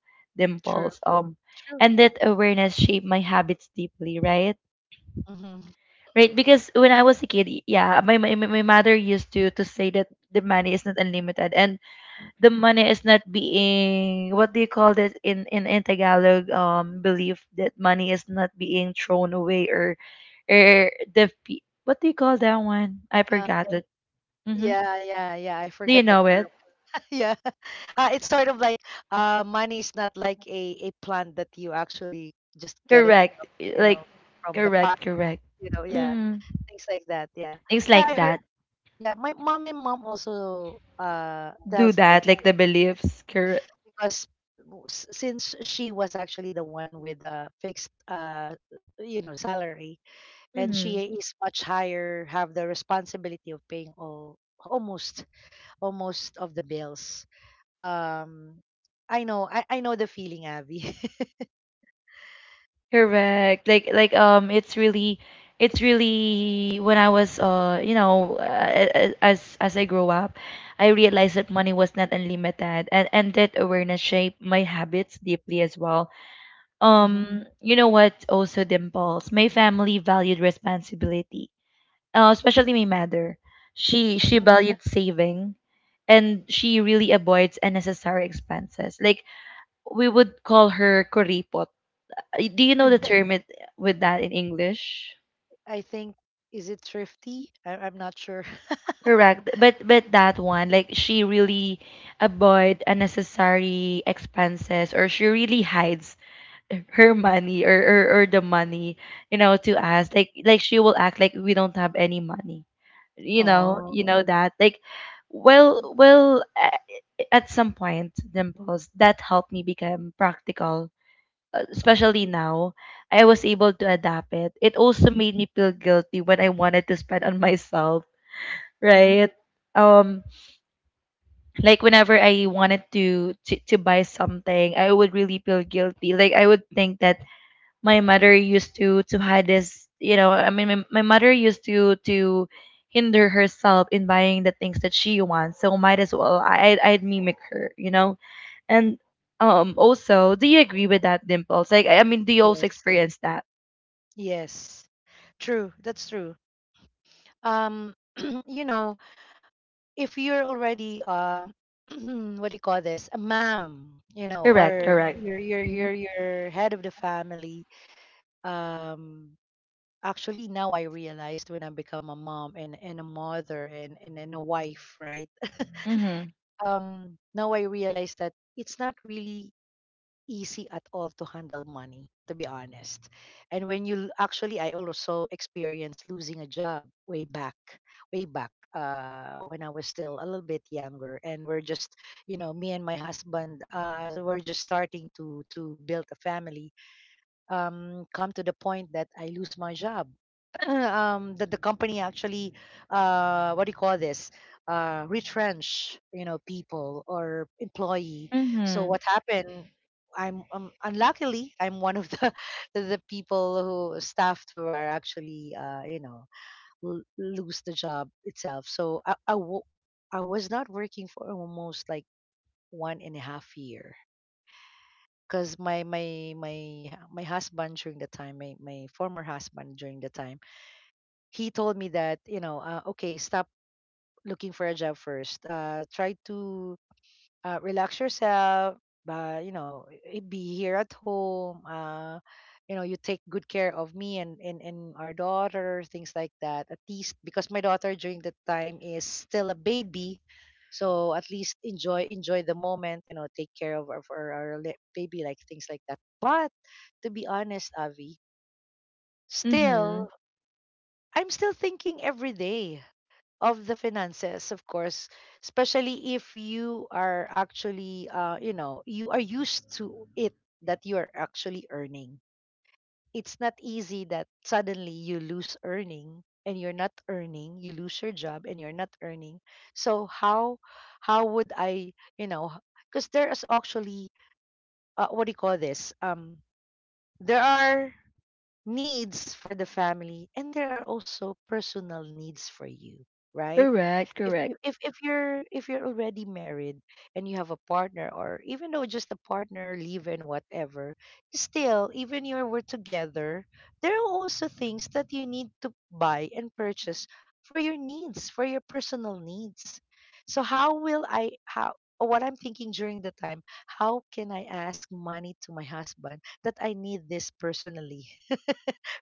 Speaker 2: True.
Speaker 1: dimples. Um, and that awareness shaped my habits deeply, right?
Speaker 2: Mhm.
Speaker 1: Right, because when I was a kid, yeah, my my, my my mother used to to say that the money is not unlimited, and the money is not being, what do you call this in in, in Tagalog, um, belief that money is not being thrown away or or the pe- what do you call that one? I
Speaker 2: Um,
Speaker 1: forgot
Speaker 2: y-
Speaker 1: it. Mm-hmm.
Speaker 2: yeah, yeah, yeah. I
Speaker 1: Do you
Speaker 2: forgot the
Speaker 1: know
Speaker 2: term.
Speaker 1: it?
Speaker 2: Yeah, uh, it's sort of like, uh, money is not like a a plant that you actually just get it, from,
Speaker 1: Correct.
Speaker 2: you
Speaker 1: Like
Speaker 2: know, from the pot.
Speaker 1: correct, correct.
Speaker 2: You know, yeah,
Speaker 1: Mm.
Speaker 2: things like that. Yeah,
Speaker 1: Things
Speaker 2: yeah. I
Speaker 1: like
Speaker 2: heard.
Speaker 1: that.
Speaker 2: Yeah, my mom and mom also uh
Speaker 1: Do
Speaker 2: tells those
Speaker 1: that, like
Speaker 2: things,
Speaker 1: the beliefs. Correct.
Speaker 2: because w- s- since she was actually the one with a fixed, uh you know, salary, and she
Speaker 1: Mm-hmm.
Speaker 2: is much higher have the responsibility of paying all, almost, almost of the bills. Um, I know, I, I know the feeling, Abby.
Speaker 1: Correct. Like like um, it's really it's really when I was uh you know uh, uh, uh, as as I grow up, I realized that money was not unlimited, and and that awareness shaped my habits deeply as well.
Speaker 2: Hmm.
Speaker 1: Um, you know what also, Dimples, my family valued responsibility. Uh, especially my mother. She she
Speaker 2: Hmm.
Speaker 1: valued saving and she really avoids unnecessary expenses. Like we would call her kuripot, do you know the term it, with that in English?
Speaker 2: I think, is it thrifty? I, I'm not sure.
Speaker 1: Correct. But but that one, like she really avoid unnecessary expenses or she really hides her money or, or, or the money, you know, to us. Like like she will act like we don't have any money. You know, you
Speaker 2: Oh,
Speaker 1: know that. Like, well well a- at some point, Dimples, that helped me become practical, uh,
Speaker 2: uh,
Speaker 1: especially now, I was able to adapt it. It also made me feel guilty when I wanted to spend on myself, right?
Speaker 2: mhm.
Speaker 1: Um, like whenever I wanted to, to to buy something, I would really feel guilty. Like I would think that my mother used to to hide this, you know. I mean, my, my mother used to to hinder herself in buying the things that she wants. So might as well I I'd, I'd mimic her, you know. And um, also, do you agree with that, Dimples? Like I I mean, do you also
Speaker 2: Yes,
Speaker 1: experience that?
Speaker 2: yes, true. That's true. Um, you know, if you're already, uh, what do you call this, a mom, you know,
Speaker 1: Correct,
Speaker 2: or
Speaker 1: correct.
Speaker 2: you're you're you're you're head of the family, um, actually now I realized when I become a mom, and, and a mother, and, and, and a wife, right?
Speaker 1: Mm-hmm.
Speaker 2: Um, now I realized that it's not really easy at all to handle money, to be honest. And when you l- actually, I also experienced losing a job way back, way back. Uh, when I was still a little bit younger, and we're just, you know, me and my husband, uh, we're just starting to to build a family, um, come to the point that I lose my job. Um, that the company actually, uh, what do you call this? Uh, retrench, you know, people or employee. So
Speaker 1: Mm-hmm.
Speaker 2: what happened? I'm um, Unluckily I'm one of the the people who staffed, who are actually, uh, you know, l- lose the job itself. So I I, w- I was not working for almost like one and a half year, because my my my hu- my husband during the time, my, my former husband during the time, he told me that, you know, uh, okay, stop looking for a job first, uh try to, uh, relax yourself. But you know, i- be here at home, uh you know, you take good care of me, and and, and our daughter, things like that, at least, because my daughter during that time is still a baby, so at least enjoy, enjoy the moment. You know, take care of, of our, for our li- baby, like things like that. But to be honest, Avi,
Speaker 1: Mm-hmm.
Speaker 2: still, I'm still thinking every day of the finances, of course, especially if you are actually, uh, you know, you are used to it, that you are actually earning. It's not easy that suddenly you lose earning and you're not earning, you lose your job and you're not earning. So how, how would I, you know, because there is actually, uh, what do you call this, um there are needs for the family and there are also personal needs for you, right?
Speaker 1: Correct,
Speaker 2: if
Speaker 1: correct.
Speaker 2: if if if you're if you're already married and you have a partner, or even though just a partner live in, whatever, still even you were together, there are also things that you need to buy and purchase for your needs, for your personal needs. So how will I, how or what I'm thinking during the time, how can I ask money to my husband that I need this personally,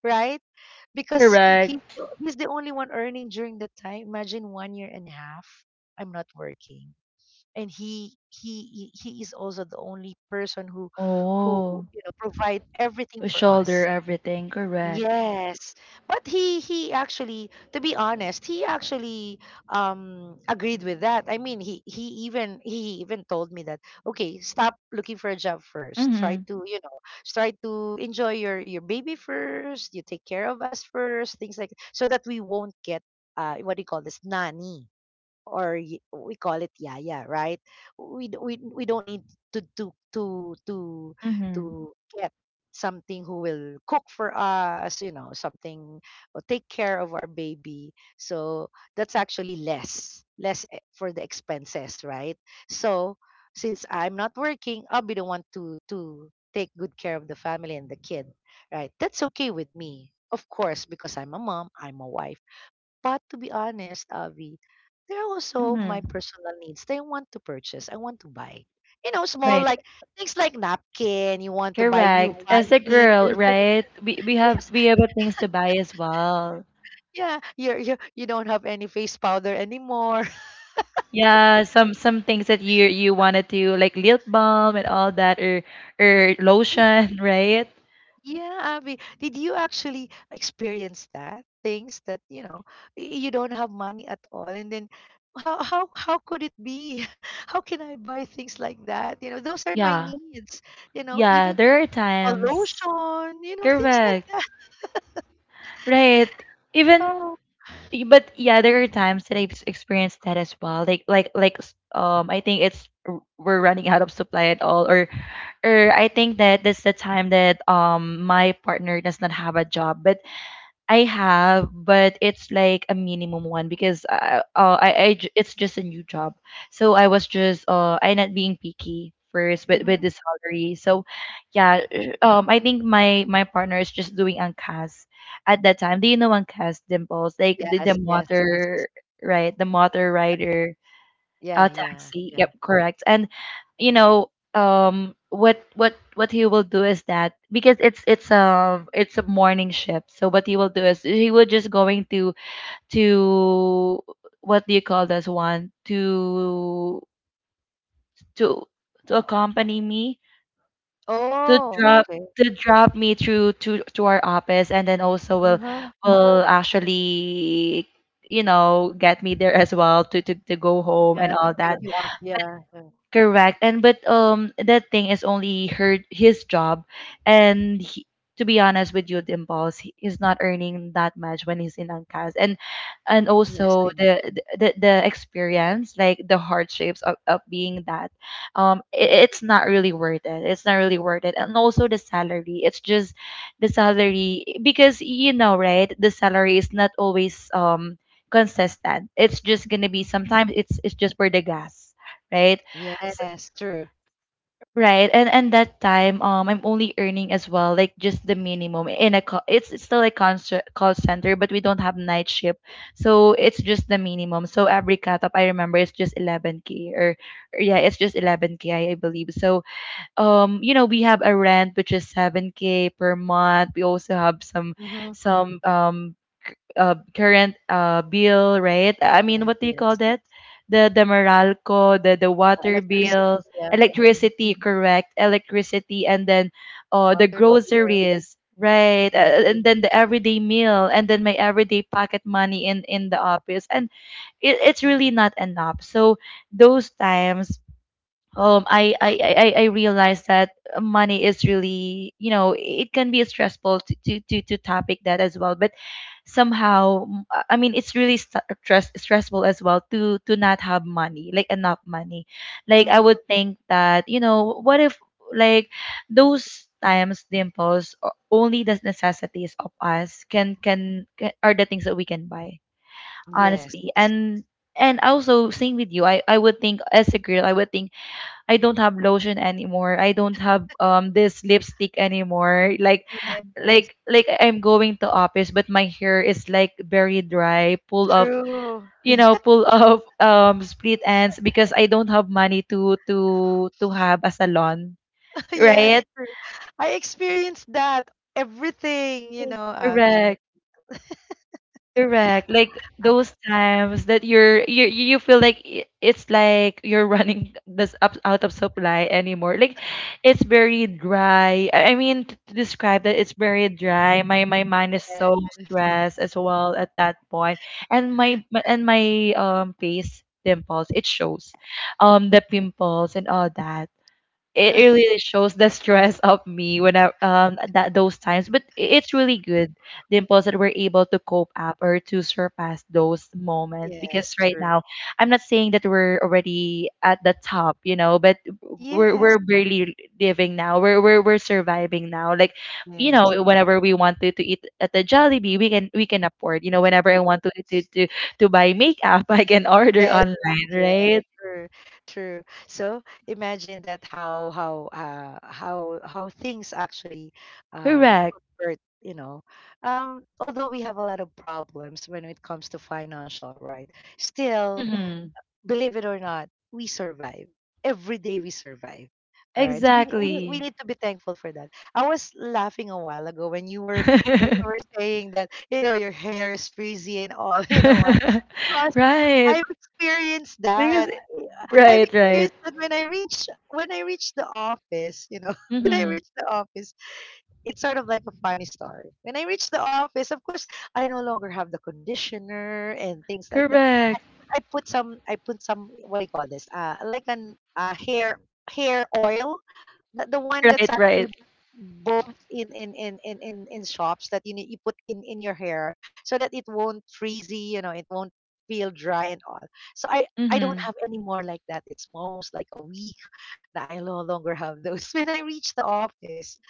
Speaker 2: right? Because he's
Speaker 1: Correct.
Speaker 2: the- he's the only one earning during that time. Imagine one year and a half, I'm not working, and he he he he is also the only person who who,
Speaker 1: Oh.
Speaker 2: you know, provide everything
Speaker 1: To
Speaker 2: for
Speaker 1: shoulder
Speaker 2: us.
Speaker 1: everything, correct.
Speaker 2: Yes, but he he actually, to be honest, he actually, um agreed with that. I mean, he he even he even told me that, okay, stop looking for a job first. Try
Speaker 1: Mm-hmm.
Speaker 2: to, you know, try to enjoy your your baby first. You take care of us first, things like so that we won't get uh what do you call this, nanny or y- we call it yaya, right? We d- we we don't need to to to to
Speaker 1: Mm-hmm.
Speaker 2: to get something who will cook for us, you know, something or take care of our baby. So that's actually less less e- for the expenses, right? So since I'm not working, I'll be the one to to take good care of the family and the kid, right? That's okay with me. Of course, because I'm a mom, I'm a wife, but to be honest, Avi, there are also my
Speaker 1: Mm-hmm.
Speaker 2: personal needs. That I want to purchase. I want to buy. You know, small,
Speaker 1: Right.
Speaker 2: like things like napkin. You want to buy new
Speaker 1: Correct. As a
Speaker 2: panty.
Speaker 1: girl,
Speaker 2: You want,
Speaker 1: right? We we have
Speaker 2: yes,
Speaker 1: we have things to buy as well.
Speaker 2: yeah. You you you don't have any face powder anymore.
Speaker 1: Yeah, some some things that you you wanted to like lip balm and all that or or lotion, right?
Speaker 2: Yeah, Avi. did you actually experience that? Things that, you know, y- you don't have money at all, and then how how how could it be? How can I buy things like that? You know, those are my
Speaker 1: Yeah.
Speaker 2: needs. You know,
Speaker 1: Yeah,
Speaker 2: even
Speaker 1: there are
Speaker 2: or
Speaker 1: times.
Speaker 2: lotion, you know, things like
Speaker 1: Correct.
Speaker 2: that.
Speaker 1: Right. Even,
Speaker 2: Oh.
Speaker 1: Y- but yeah, there are times that I've s- experienced that as well, like like like s- um, I think it's r- we're running out of supply at all, or or I think that that's the time that um my partner does not have a job, but I have, but it's like a minimum one because I, uh, oh, I, I j- it's just a new job. So I was just uh I not being picky first with with
Speaker 2: Hmm.
Speaker 1: the salary. So yeah, uh, um, I think my my partner is just doing angkas at that time. Do you know angkas, dimples? Like the,
Speaker 2: Yes,
Speaker 1: the
Speaker 2: yes, yes.
Speaker 1: motor, right, the motor rider.
Speaker 2: Yeah,
Speaker 1: A
Speaker 2: yeah, yeah.
Speaker 1: taxi. Yep, correct. And you know, um, what what what he will do is that because it's it's um it's a morning shift. So what he will do is he will just going to to what do you call this one, to to to accompany me to
Speaker 2: Oh,
Speaker 1: drop,
Speaker 2: okay.
Speaker 1: to drop me through to to our office, and then also will
Speaker 2: Uh-huh.
Speaker 1: will actually, you know, get me there as well to to, to go home
Speaker 2: Yeah,
Speaker 1: and
Speaker 2: to
Speaker 1: all
Speaker 2: pick
Speaker 1: that.
Speaker 2: you up. Yeah, yeah.
Speaker 1: Correct. And but um, that thing is only her his job, and he, to be honest with you, Dimples, he is not earning that much when he's in Angkas. And and
Speaker 2: Yes, I
Speaker 1: also
Speaker 2: know.
Speaker 1: the the, the experience, like the hardships of, of being that, um,
Speaker 2: Mm.
Speaker 1: i- it's not really worth it. It's not really worth it. And also the salary. It's just the salary, because you know, right? The salary is not always um consistent. It's just gonna be, sometimes it's it's just for the gas, right?
Speaker 2: Yes, true.
Speaker 1: Right. And and that time, um, I'm only earning as well, like just the minimum in a call. It's, it's still a concert, call center, but we don't have night shift, so it's just the minimum. So every cut up, I remember, it's just eleven k or, or yeah, it's just eleven k, I, I believe. So um you know we have a rent which is seven k per month. We also have some
Speaker 2: Mm-hmm.
Speaker 1: some um c- uh, current uh bill, right? I mean,
Speaker 2: Yes,
Speaker 1: what do you call
Speaker 2: yes.
Speaker 1: that? The the Meralco, the the
Speaker 2: Yeah,
Speaker 1: water
Speaker 2: electricity.
Speaker 1: bill.
Speaker 2: Yeah. Hmm.
Speaker 1: Electricity. Correct. Electricity. And then uh the
Speaker 2: Water bill.
Speaker 1: groceries, right?
Speaker 2: Yeah.
Speaker 1: Uh, and then the everyday meal, and then my everyday pocket money in in the office, and it, it's really not enough. So those times, um I I I I I realized that money is really, you know it can be stressful to to to, to topic that as well, but somehow, mm, I I mean it's really st- stress stressful as well to to not have money, like, enough money. Like, I
Speaker 2: Hmm.
Speaker 1: would think that, you know what if, like, those times, dimples, o- only the necessities of us can can can are the things that we can buy,
Speaker 2: Yes.
Speaker 1: honestly. And and also, same with you, I I would think, as a girl, I would think, I don't have lotion anymore. I don't have um this lipstick anymore. Like
Speaker 2: Yeah,
Speaker 1: like like I'm going to office, but my hair is like very dry, pull of,
Speaker 2: true.
Speaker 1: you know, pull of um split ends, because I don't have money to to to have a salon,
Speaker 2: Yes,
Speaker 1: right?
Speaker 2: true. I experienced that. Everything, you know, Avi.
Speaker 1: Correct. Correct. Like those times that you're you you feel like, i- it's like you're running this up out of supply anymore. Like it's very dry. I I mean to, to describe that, it's very dry. My my mind is
Speaker 2: Yes,
Speaker 1: so stressed as well at that point, and my- and my um face, dimples, it shows, um the pimples and all that. It really shows the stress of me when I um that those times. But i- it's really good, dimples, that we're able to cope up or to surpass those moments, because
Speaker 2: yes,
Speaker 1: right
Speaker 2: true.
Speaker 1: now I'm not saying that we're already at the top, you know, but we're
Speaker 2: Yes.
Speaker 1: we're barely living now. We're we're we're surviving now. Like, you
Speaker 2: Yes,
Speaker 1: know, whenever we want to, to eat at the Jollibee, we can we can afford.
Speaker 2: we
Speaker 1: You know,
Speaker 2: can take
Speaker 1: whenever I
Speaker 2: it.
Speaker 1: want to to to, to buy makeup, I can order
Speaker 2: Yes,
Speaker 1: online,
Speaker 2: yes,
Speaker 1: right?
Speaker 2: true, true. So imagine that, how how uh how how things actually uh
Speaker 1: Correct.
Speaker 2: convert, you know. Um, although we have a lot of problems when it comes to financial, right? Still,
Speaker 1: Mm-hmm.
Speaker 2: believe it or not, we survive. Every day we survive. All right. So, we, ne- we, need- we
Speaker 1: Exactly.
Speaker 2: need to be thankful for that. I was laughing a while ago when you were, when you were saying that, you know, your hair is frizzy and all. You know what?
Speaker 1: Right.
Speaker 2: I've experienced
Speaker 1: Because
Speaker 2: that.
Speaker 1: it.
Speaker 2: I- I've
Speaker 1: Right, right.
Speaker 2: experienced that when I reach when I reach the office, you know. When I
Speaker 1: Mhm.
Speaker 2: reach the office, it's sort of like a funny story. When I reach the office, of course, I no longer have the conditioner and things like that.
Speaker 1: Correct.
Speaker 2: I put some I put some what do you call this? Uh like an uh hair hair oil. The the one that's
Speaker 1: Right,
Speaker 2: actually
Speaker 1: right.
Speaker 2: bought in in in in in, in shops that you need, you put in in your hair so that it won't freezy, you know, it won't feel dry and all. So I I don't have
Speaker 1: Mhm.
Speaker 2: any more like that. It's almost like a week that I no longer have those. When I reach the office,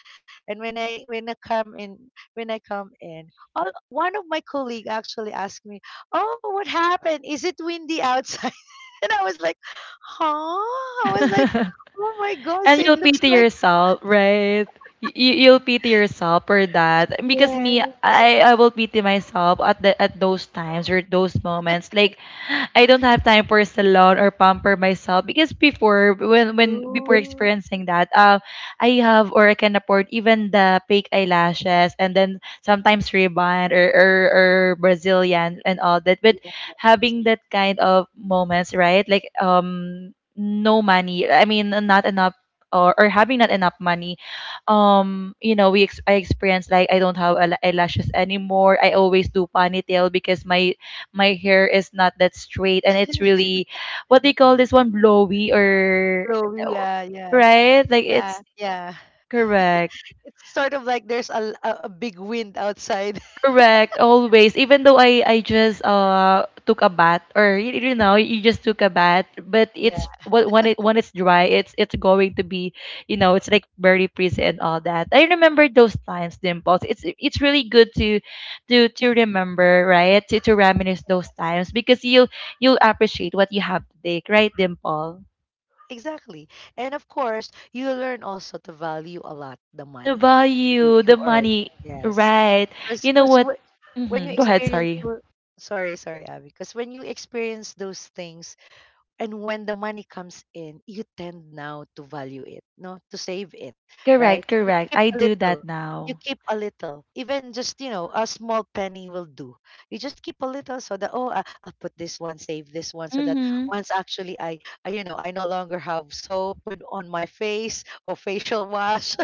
Speaker 2: and when I when I come in when I come in, all, one of my colleague actually asked me, "Oh, what happened? Is it windy outside?" And I was like, "Huh?" I was like, "Oh my God!" So
Speaker 1: And
Speaker 2: it
Speaker 1: you'll
Speaker 2: looks
Speaker 1: pity
Speaker 2: like,
Speaker 1: yourself, right? You, you- you'll pity yourself for that because me,
Speaker 2: yes,
Speaker 1: I, I will pity myself at the, at those times or those moments. Like, I don't have time for salon or pamper myself because before, when when before
Speaker 2: ooh,
Speaker 1: experiencing that, uh, I have or I can afford even the fake eyelashes, and then sometimes ribbon or or, or Brazilian and all that. But
Speaker 2: yeah,
Speaker 1: having that kind of moments, right? Like um no money, I mean, not enough or, or having not enough money. um you know we ex- I experience, like, I don't have eyel- eyelashes anymore. I always do ponytail because my my hair is not that straight, and it's really what they call this one, blowy, or,
Speaker 2: flowy, yeah, yeah,
Speaker 1: right, like
Speaker 2: yeah,
Speaker 1: it's,
Speaker 2: yeah.
Speaker 1: correct.
Speaker 2: It's sort of like there's a, a a big wind outside.
Speaker 1: Correct, always. Even though I I just uh took a bath, or you, you know, you just took a bath, but
Speaker 2: Yeah,
Speaker 1: it's wh- when it when it's dry, it's it's going to be, you know it's like very frizzy and all that. I remember those times, dimples. It's it's really good to to to remember, right? To to reminisce those times, because you'll you'll appreciate what you have today, right, dimple?
Speaker 2: exactly. And of course, you learn also to value a lot the
Speaker 1: The
Speaker 2: money you
Speaker 1: value, the
Speaker 2: you earn.
Speaker 1: money,
Speaker 2: Yes,
Speaker 1: right? You
Speaker 2: because
Speaker 1: know
Speaker 2: because
Speaker 1: what?
Speaker 2: when
Speaker 1: hmm
Speaker 2: you
Speaker 1: Go ahead.
Speaker 2: experience
Speaker 1: Sorry.
Speaker 2: those, sorry, sorry, Abby, because when you experience those things, and when the money comes in, you tend now to value it, no, to save it,
Speaker 1: Correct,
Speaker 2: right? You
Speaker 1: correct.
Speaker 2: keep
Speaker 1: I
Speaker 2: a
Speaker 1: do
Speaker 2: little.
Speaker 1: that
Speaker 2: You
Speaker 1: now.
Speaker 2: keep a little, even just, you know, a small penny will do. You just keep a little so that, oh, I, I'll put this one, save this one, so that
Speaker 1: Mhm.
Speaker 2: once actually, I, I you know I no longer have soap with, on my face, or facial wash.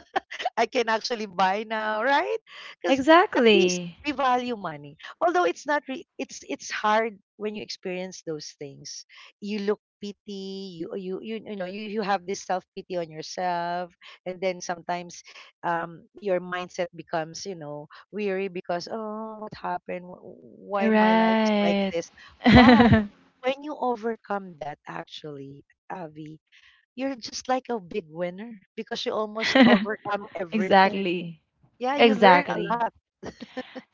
Speaker 2: I can actually buy now, right? Because at least
Speaker 1: Exactly.
Speaker 2: we value money. Although it's not, re- it's it's hard when you experience those things. You look pity. You you you you know, you you have this self pity on yourself, and then sometimes, um, your mindset becomes, you know weary, because, oh, what happened? Wh- Why my life is like
Speaker 1: Right.
Speaker 2: this? But when you overcome that, actually, Avi, you're just like a big winner, because you almost overcome everything.
Speaker 1: Exactly.
Speaker 2: Yeah, you learn a
Speaker 1: Exactly.
Speaker 2: lot.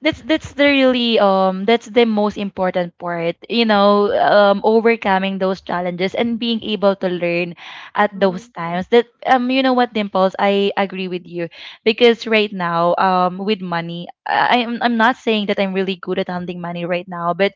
Speaker 1: that's that's the really um that's the most important part, you know um overcoming those challenges and being able to learn at those
Speaker 2: Mhm,
Speaker 1: times that, um you know what, dimples, I agree with you. Because right now, um with money, i i'm, I'm not saying that I'm really good at handling money right now, but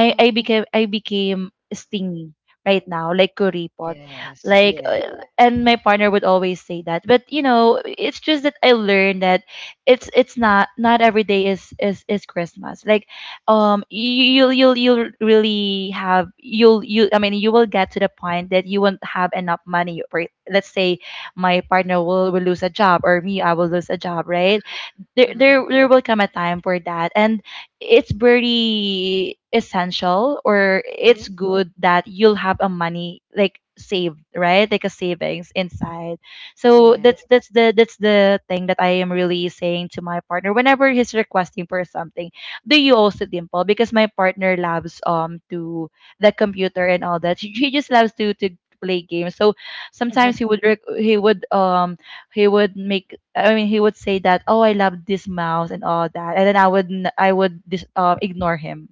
Speaker 2: mhm.
Speaker 1: i became i became stingy right now, like kuripot.
Speaker 2: Yes,
Speaker 1: Like,
Speaker 2: yes.
Speaker 1: uh, and my partner would always say that, but you know it's just that I learned that it's it's not not every day is is is Christmas. Like, um you you'll you'll you'll really have you'll you I mean, you will get to the point that you won't have enough money, right? Let's say my partner will, will lose a job, or me, I will lose a job, right?
Speaker 2: Uh-huh,
Speaker 1: there
Speaker 2: uh-huh.
Speaker 1: there there will come a time for that, and it's very essential, or
Speaker 2: Mhm.
Speaker 1: it's good that you'll have a money, like, saved, right, like a savings inside. So that's
Speaker 2: Yes.
Speaker 1: that's the that's the thing that I am really saying to my partner whenever he's requesting for something. Do you also, dimple? Because my partner loves um to the computer and all that. She, she just loves to to play games. So sometimes he would rec- he would um he would make I mean, he would say that, "Oh, I love this mouse and all that," and then I would n- I would dis- um, ignore him.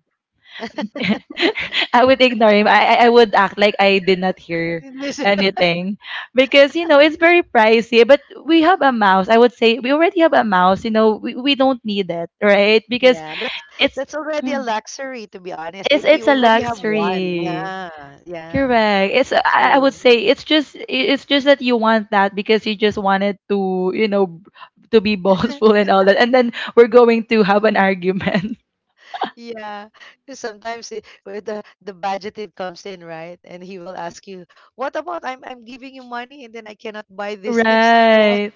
Speaker 1: I would ignore him. I I I would act like I did not hear
Speaker 2: This
Speaker 1: anything, because you know it's very pricey. But we have a mouse. I would say we already have a mouse. You know, we, we don't need it, right? Because
Speaker 2: Yeah, that's
Speaker 1: it's
Speaker 2: that's already a
Speaker 1: Mm.
Speaker 2: luxury, to be honest,
Speaker 1: it's
Speaker 2: if you
Speaker 1: it's a
Speaker 2: already have one.
Speaker 1: luxury.
Speaker 2: Yeah, yeah.
Speaker 1: Correct. It's I I would
Speaker 2: True.
Speaker 1: say it's just it's just that you want that because you just wanted to, you know, to be boastful and all that. And then we're going to have an argument.
Speaker 2: Yeah, 'cause sometimes it, where the, the budget it comes in, right? And he will ask you, "What about, I'm I'm giving you money and then I cannot buy these things I want."
Speaker 1: Right.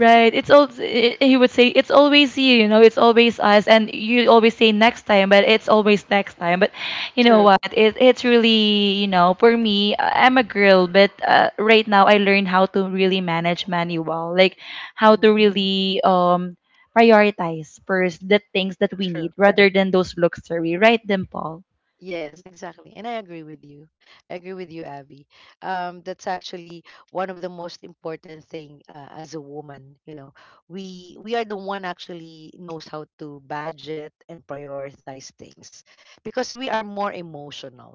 Speaker 1: Right. It's all. He would say, it's always you, you know, it's always us, and you always say next time, but it's always next time. But you know
Speaker 2: True.
Speaker 1: what? It it's really, you know, for me, uh, I'm a girl, but uh, right now I learned how to really manage money well. Like how
Speaker 2: Hmm.
Speaker 1: to really um prioritize first the things that we
Speaker 2: True.
Speaker 1: need rather than those luxury, right, Dimple?
Speaker 2: Yes, exactly. And I agree with you. I agree with you, Abby. Um, that's actually one of the most important thing, uh, as a woman, you know. We we are the one actually knows how to budget and prioritize things, because we are more emotional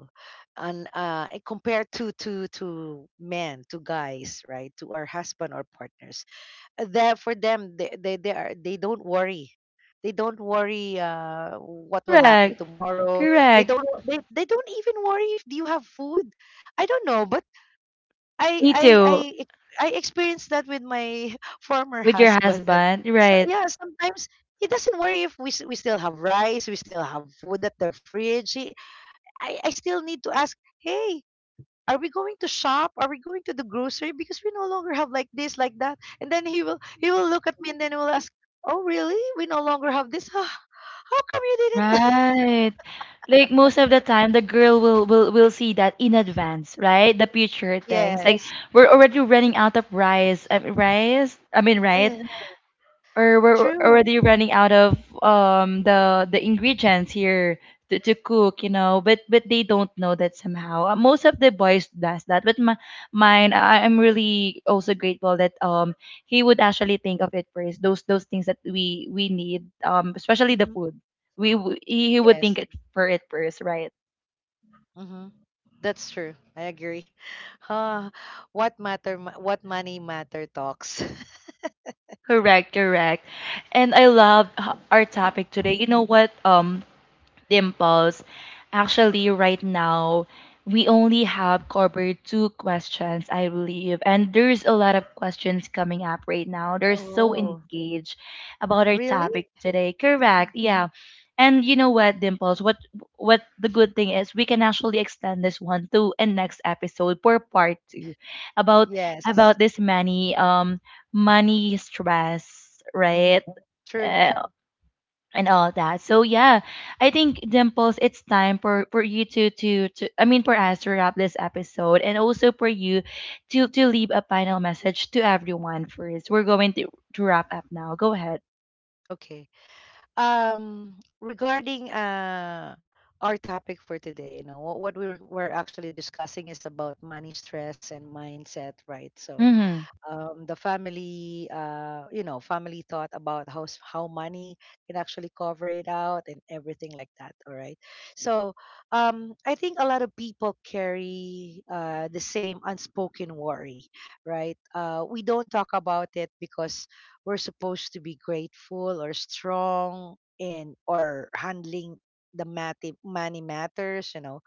Speaker 2: and, uh eh, compared to to to men, to guys, right? To our husband or partners, there for them, they, they they are they don't worry. they don't worry uh, what will happen
Speaker 1: Correct.
Speaker 2: tomorrow. they
Speaker 1: Correct.
Speaker 2: don't they, they don't even worry if you have food. I don't know, but i
Speaker 1: Me
Speaker 2: i
Speaker 1: too.
Speaker 2: i ex- i experienced that with my former
Speaker 1: With your
Speaker 2: husband. That
Speaker 1: husband,
Speaker 2: so
Speaker 1: right?
Speaker 2: yeah, sometimes he doesn't worry if we, s- we still have rice, we still have food at the fridge. He, i i still need to ask, "Hey, are we going to shop? Are we going to the grocery, because we no longer have like this, like that?" And then he will, he will look at me, and then he will ask, "Oh, really? We no longer have this? Huh, how come you didn't..."
Speaker 1: Right. Like most of the time, the girl will will will see that in advance, right? The future things. Like,
Speaker 2: Yes.
Speaker 1: we're already running out of rice, uh, rice, I mean,
Speaker 2: Oh,
Speaker 1: right?
Speaker 2: yeah,
Speaker 1: Or we're
Speaker 2: true.
Speaker 1: already running out of um the the ingredients here to, to cook, you know but but they don't know that somehow. Uh, most of the boys does that, but my, mine, I, I'm really also grateful that um he would actually think of it first, those those things that we we need, um especially the
Speaker 2: Hmm.
Speaker 1: food. we w- he he would
Speaker 2: Yes.
Speaker 1: think it for it first, right?
Speaker 2: Hmm. That's true, I agree. Ah, what matter, ma- what money matter talks.
Speaker 1: Correct, correct. And I love h- our topic today, you know what, um Dimples. Actually, right now, we only have covered two questions, I believe. And there's a lot of questions coming up right now. They're so
Speaker 2: Oh,
Speaker 1: engaged about our
Speaker 2: really.
Speaker 1: topic today.
Speaker 2: Mhm.
Speaker 1: Correct. Yeah. And you know what, Dimples? What what the good thing is, we can actually extend this one to a next episode for part two about about
Speaker 2: Yes.
Speaker 1: this money, um money stress, right?
Speaker 2: Hmm. True.
Speaker 1: Uh, and all that. So yeah, I think, Dimples, it's time for for you to to to I mean, for us to wrap this episode, and also for you to to leave a final message to everyone first. We're going to to wrap up now. Go ahead.
Speaker 2: Okay. um Regarding uh our topic for today, you know what, what we were, were actually discussing is about money stress and mindset, right? So,
Speaker 1: Mhm.
Speaker 2: um, the family, uh, you know, family thought about how, s- how money can actually cover it out and everything like that. All right. So, um, I think a lot of people carry, uh, the same unspoken worry, right? Uh, we don't talk about it because we're supposed to be grateful or strong, and or handling the mat- money matters, you know.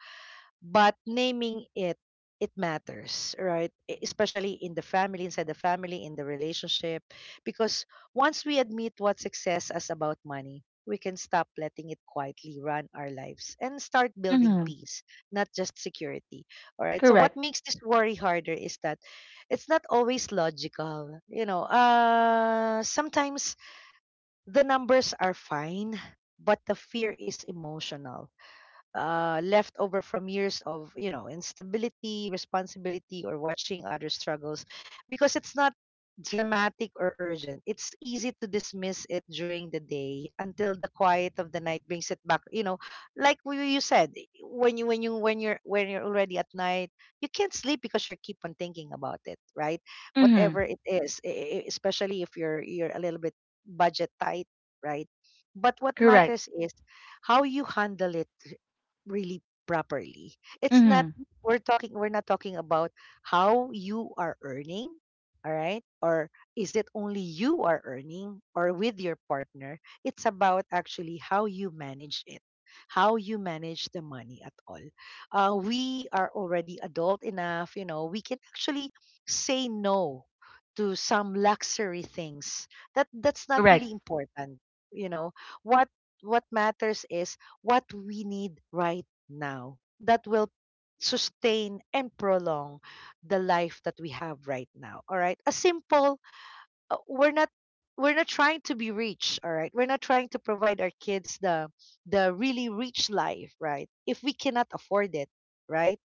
Speaker 2: But naming it, it matters, right? E- Especially in the family, inside the family, in the relationship. Because once we admit what success is about money, we can stop letting it quietly run our lives and start building
Speaker 1: Mhm.
Speaker 2: peace, not just security. All right. So, what
Speaker 1: Correct.
Speaker 2: makes this worry harder is that it's not always logical. You know, uh, sometimes the numbers are fine, but the fear is emotional, uh, left over from years of, you know, instability, responsibility, or watching other struggles, because it's not dramatic or urgent. It's easy to dismiss it during the day until the quiet of the night brings it back. You know, like, w- you said, when you when you when you're when you're already at night, you can't sleep because you keep on thinking about it, right? Whatever
Speaker 1: Mhm.
Speaker 2: it is, e- e- especially if you're you're a little bit budget tight, right? But what
Speaker 1: Correct.
Speaker 2: matters is how you handle it really properly. It's not,
Speaker 1: Mhm.
Speaker 2: we're talking we're not talking about how you are earning, all right? Or is it only you are earning or with your partner? It's about actually how you manage it, how you manage the money at all. Uh, we are already adult enough, you know, we can actually say no to some luxury things that that's not
Speaker 1: Correct.
Speaker 2: really important, you know. What what matters is what we need right now, that will sustain and prolong the life that we have right now. All right, a simple, uh, we're not, we're not trying to be rich, all right? We're not trying to provide our kids the, the really rich life, right, if we cannot afford it, right?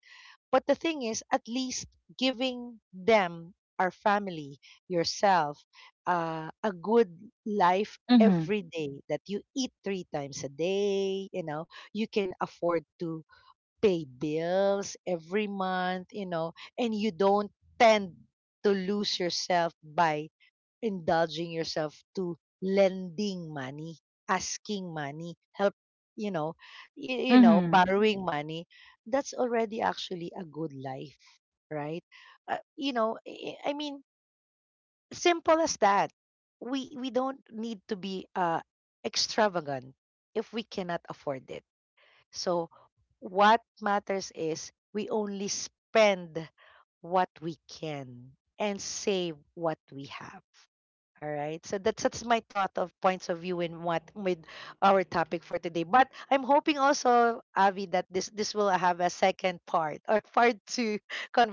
Speaker 2: But the thing is, at least giving them, our family, yourself, uh, a good life
Speaker 1: Mhm.
Speaker 2: every day, that you eat three times a day, you know, you can afford to pay bills every month, you know, and you don't tend to lose yourself by indulging yourself to lending money, asking money, help, you know, you, you know,
Speaker 1: Mhm.
Speaker 2: borrowing money, that's already actually a good life, right? Uh, you know, I I- mean, simple as that. We we don't need to be uh extravagant if we cannot afford it. So what matters is, we only spend what we can and save what we have, all right. So that's that's my thought of points of view in what with our topic for today. But I'm hoping also, Avi, that this this will have a second part, or part two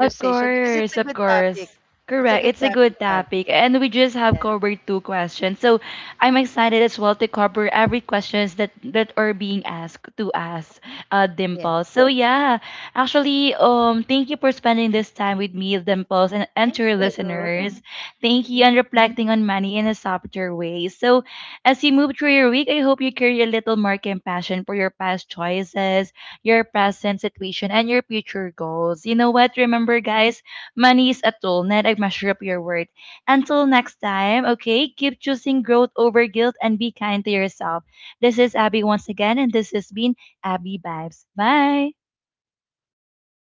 Speaker 1: Of
Speaker 2: because it's
Speaker 1: course,
Speaker 2: a
Speaker 1: of
Speaker 2: good
Speaker 1: course.
Speaker 2: topic. It's a
Speaker 1: Correct.
Speaker 2: good
Speaker 1: It's a good
Speaker 2: topic, Avi.
Speaker 1: topic. And we just have
Speaker 2: Yeah.
Speaker 1: covered two questions. So I'm excited as well to cover every questions that that are being asked to us,
Speaker 2: Mhm.
Speaker 1: uh,
Speaker 2: Yeah.
Speaker 1: Dimples. So yeah, actually, um, thank you for spending this time with me, Dimples, and, and
Speaker 2: Thank
Speaker 1: to your
Speaker 2: you.
Speaker 1: listeners. Thank you, and
Speaker 2: Mhm.
Speaker 1: reflecting on money in a softer way. So as you move through your week, I hope you carry a little more compassion for your past choices, your present situation, and your future goals. You know what?
Speaker 2: Mhm.
Speaker 1: Remember, guys, money is a tool, not a measure of your worth. Until next time, okay, keep choosing growth over guilt, and be kind to yourself. This is Abby once again, and this has been Abby Vibes. Bye.
Speaker 2: Bye.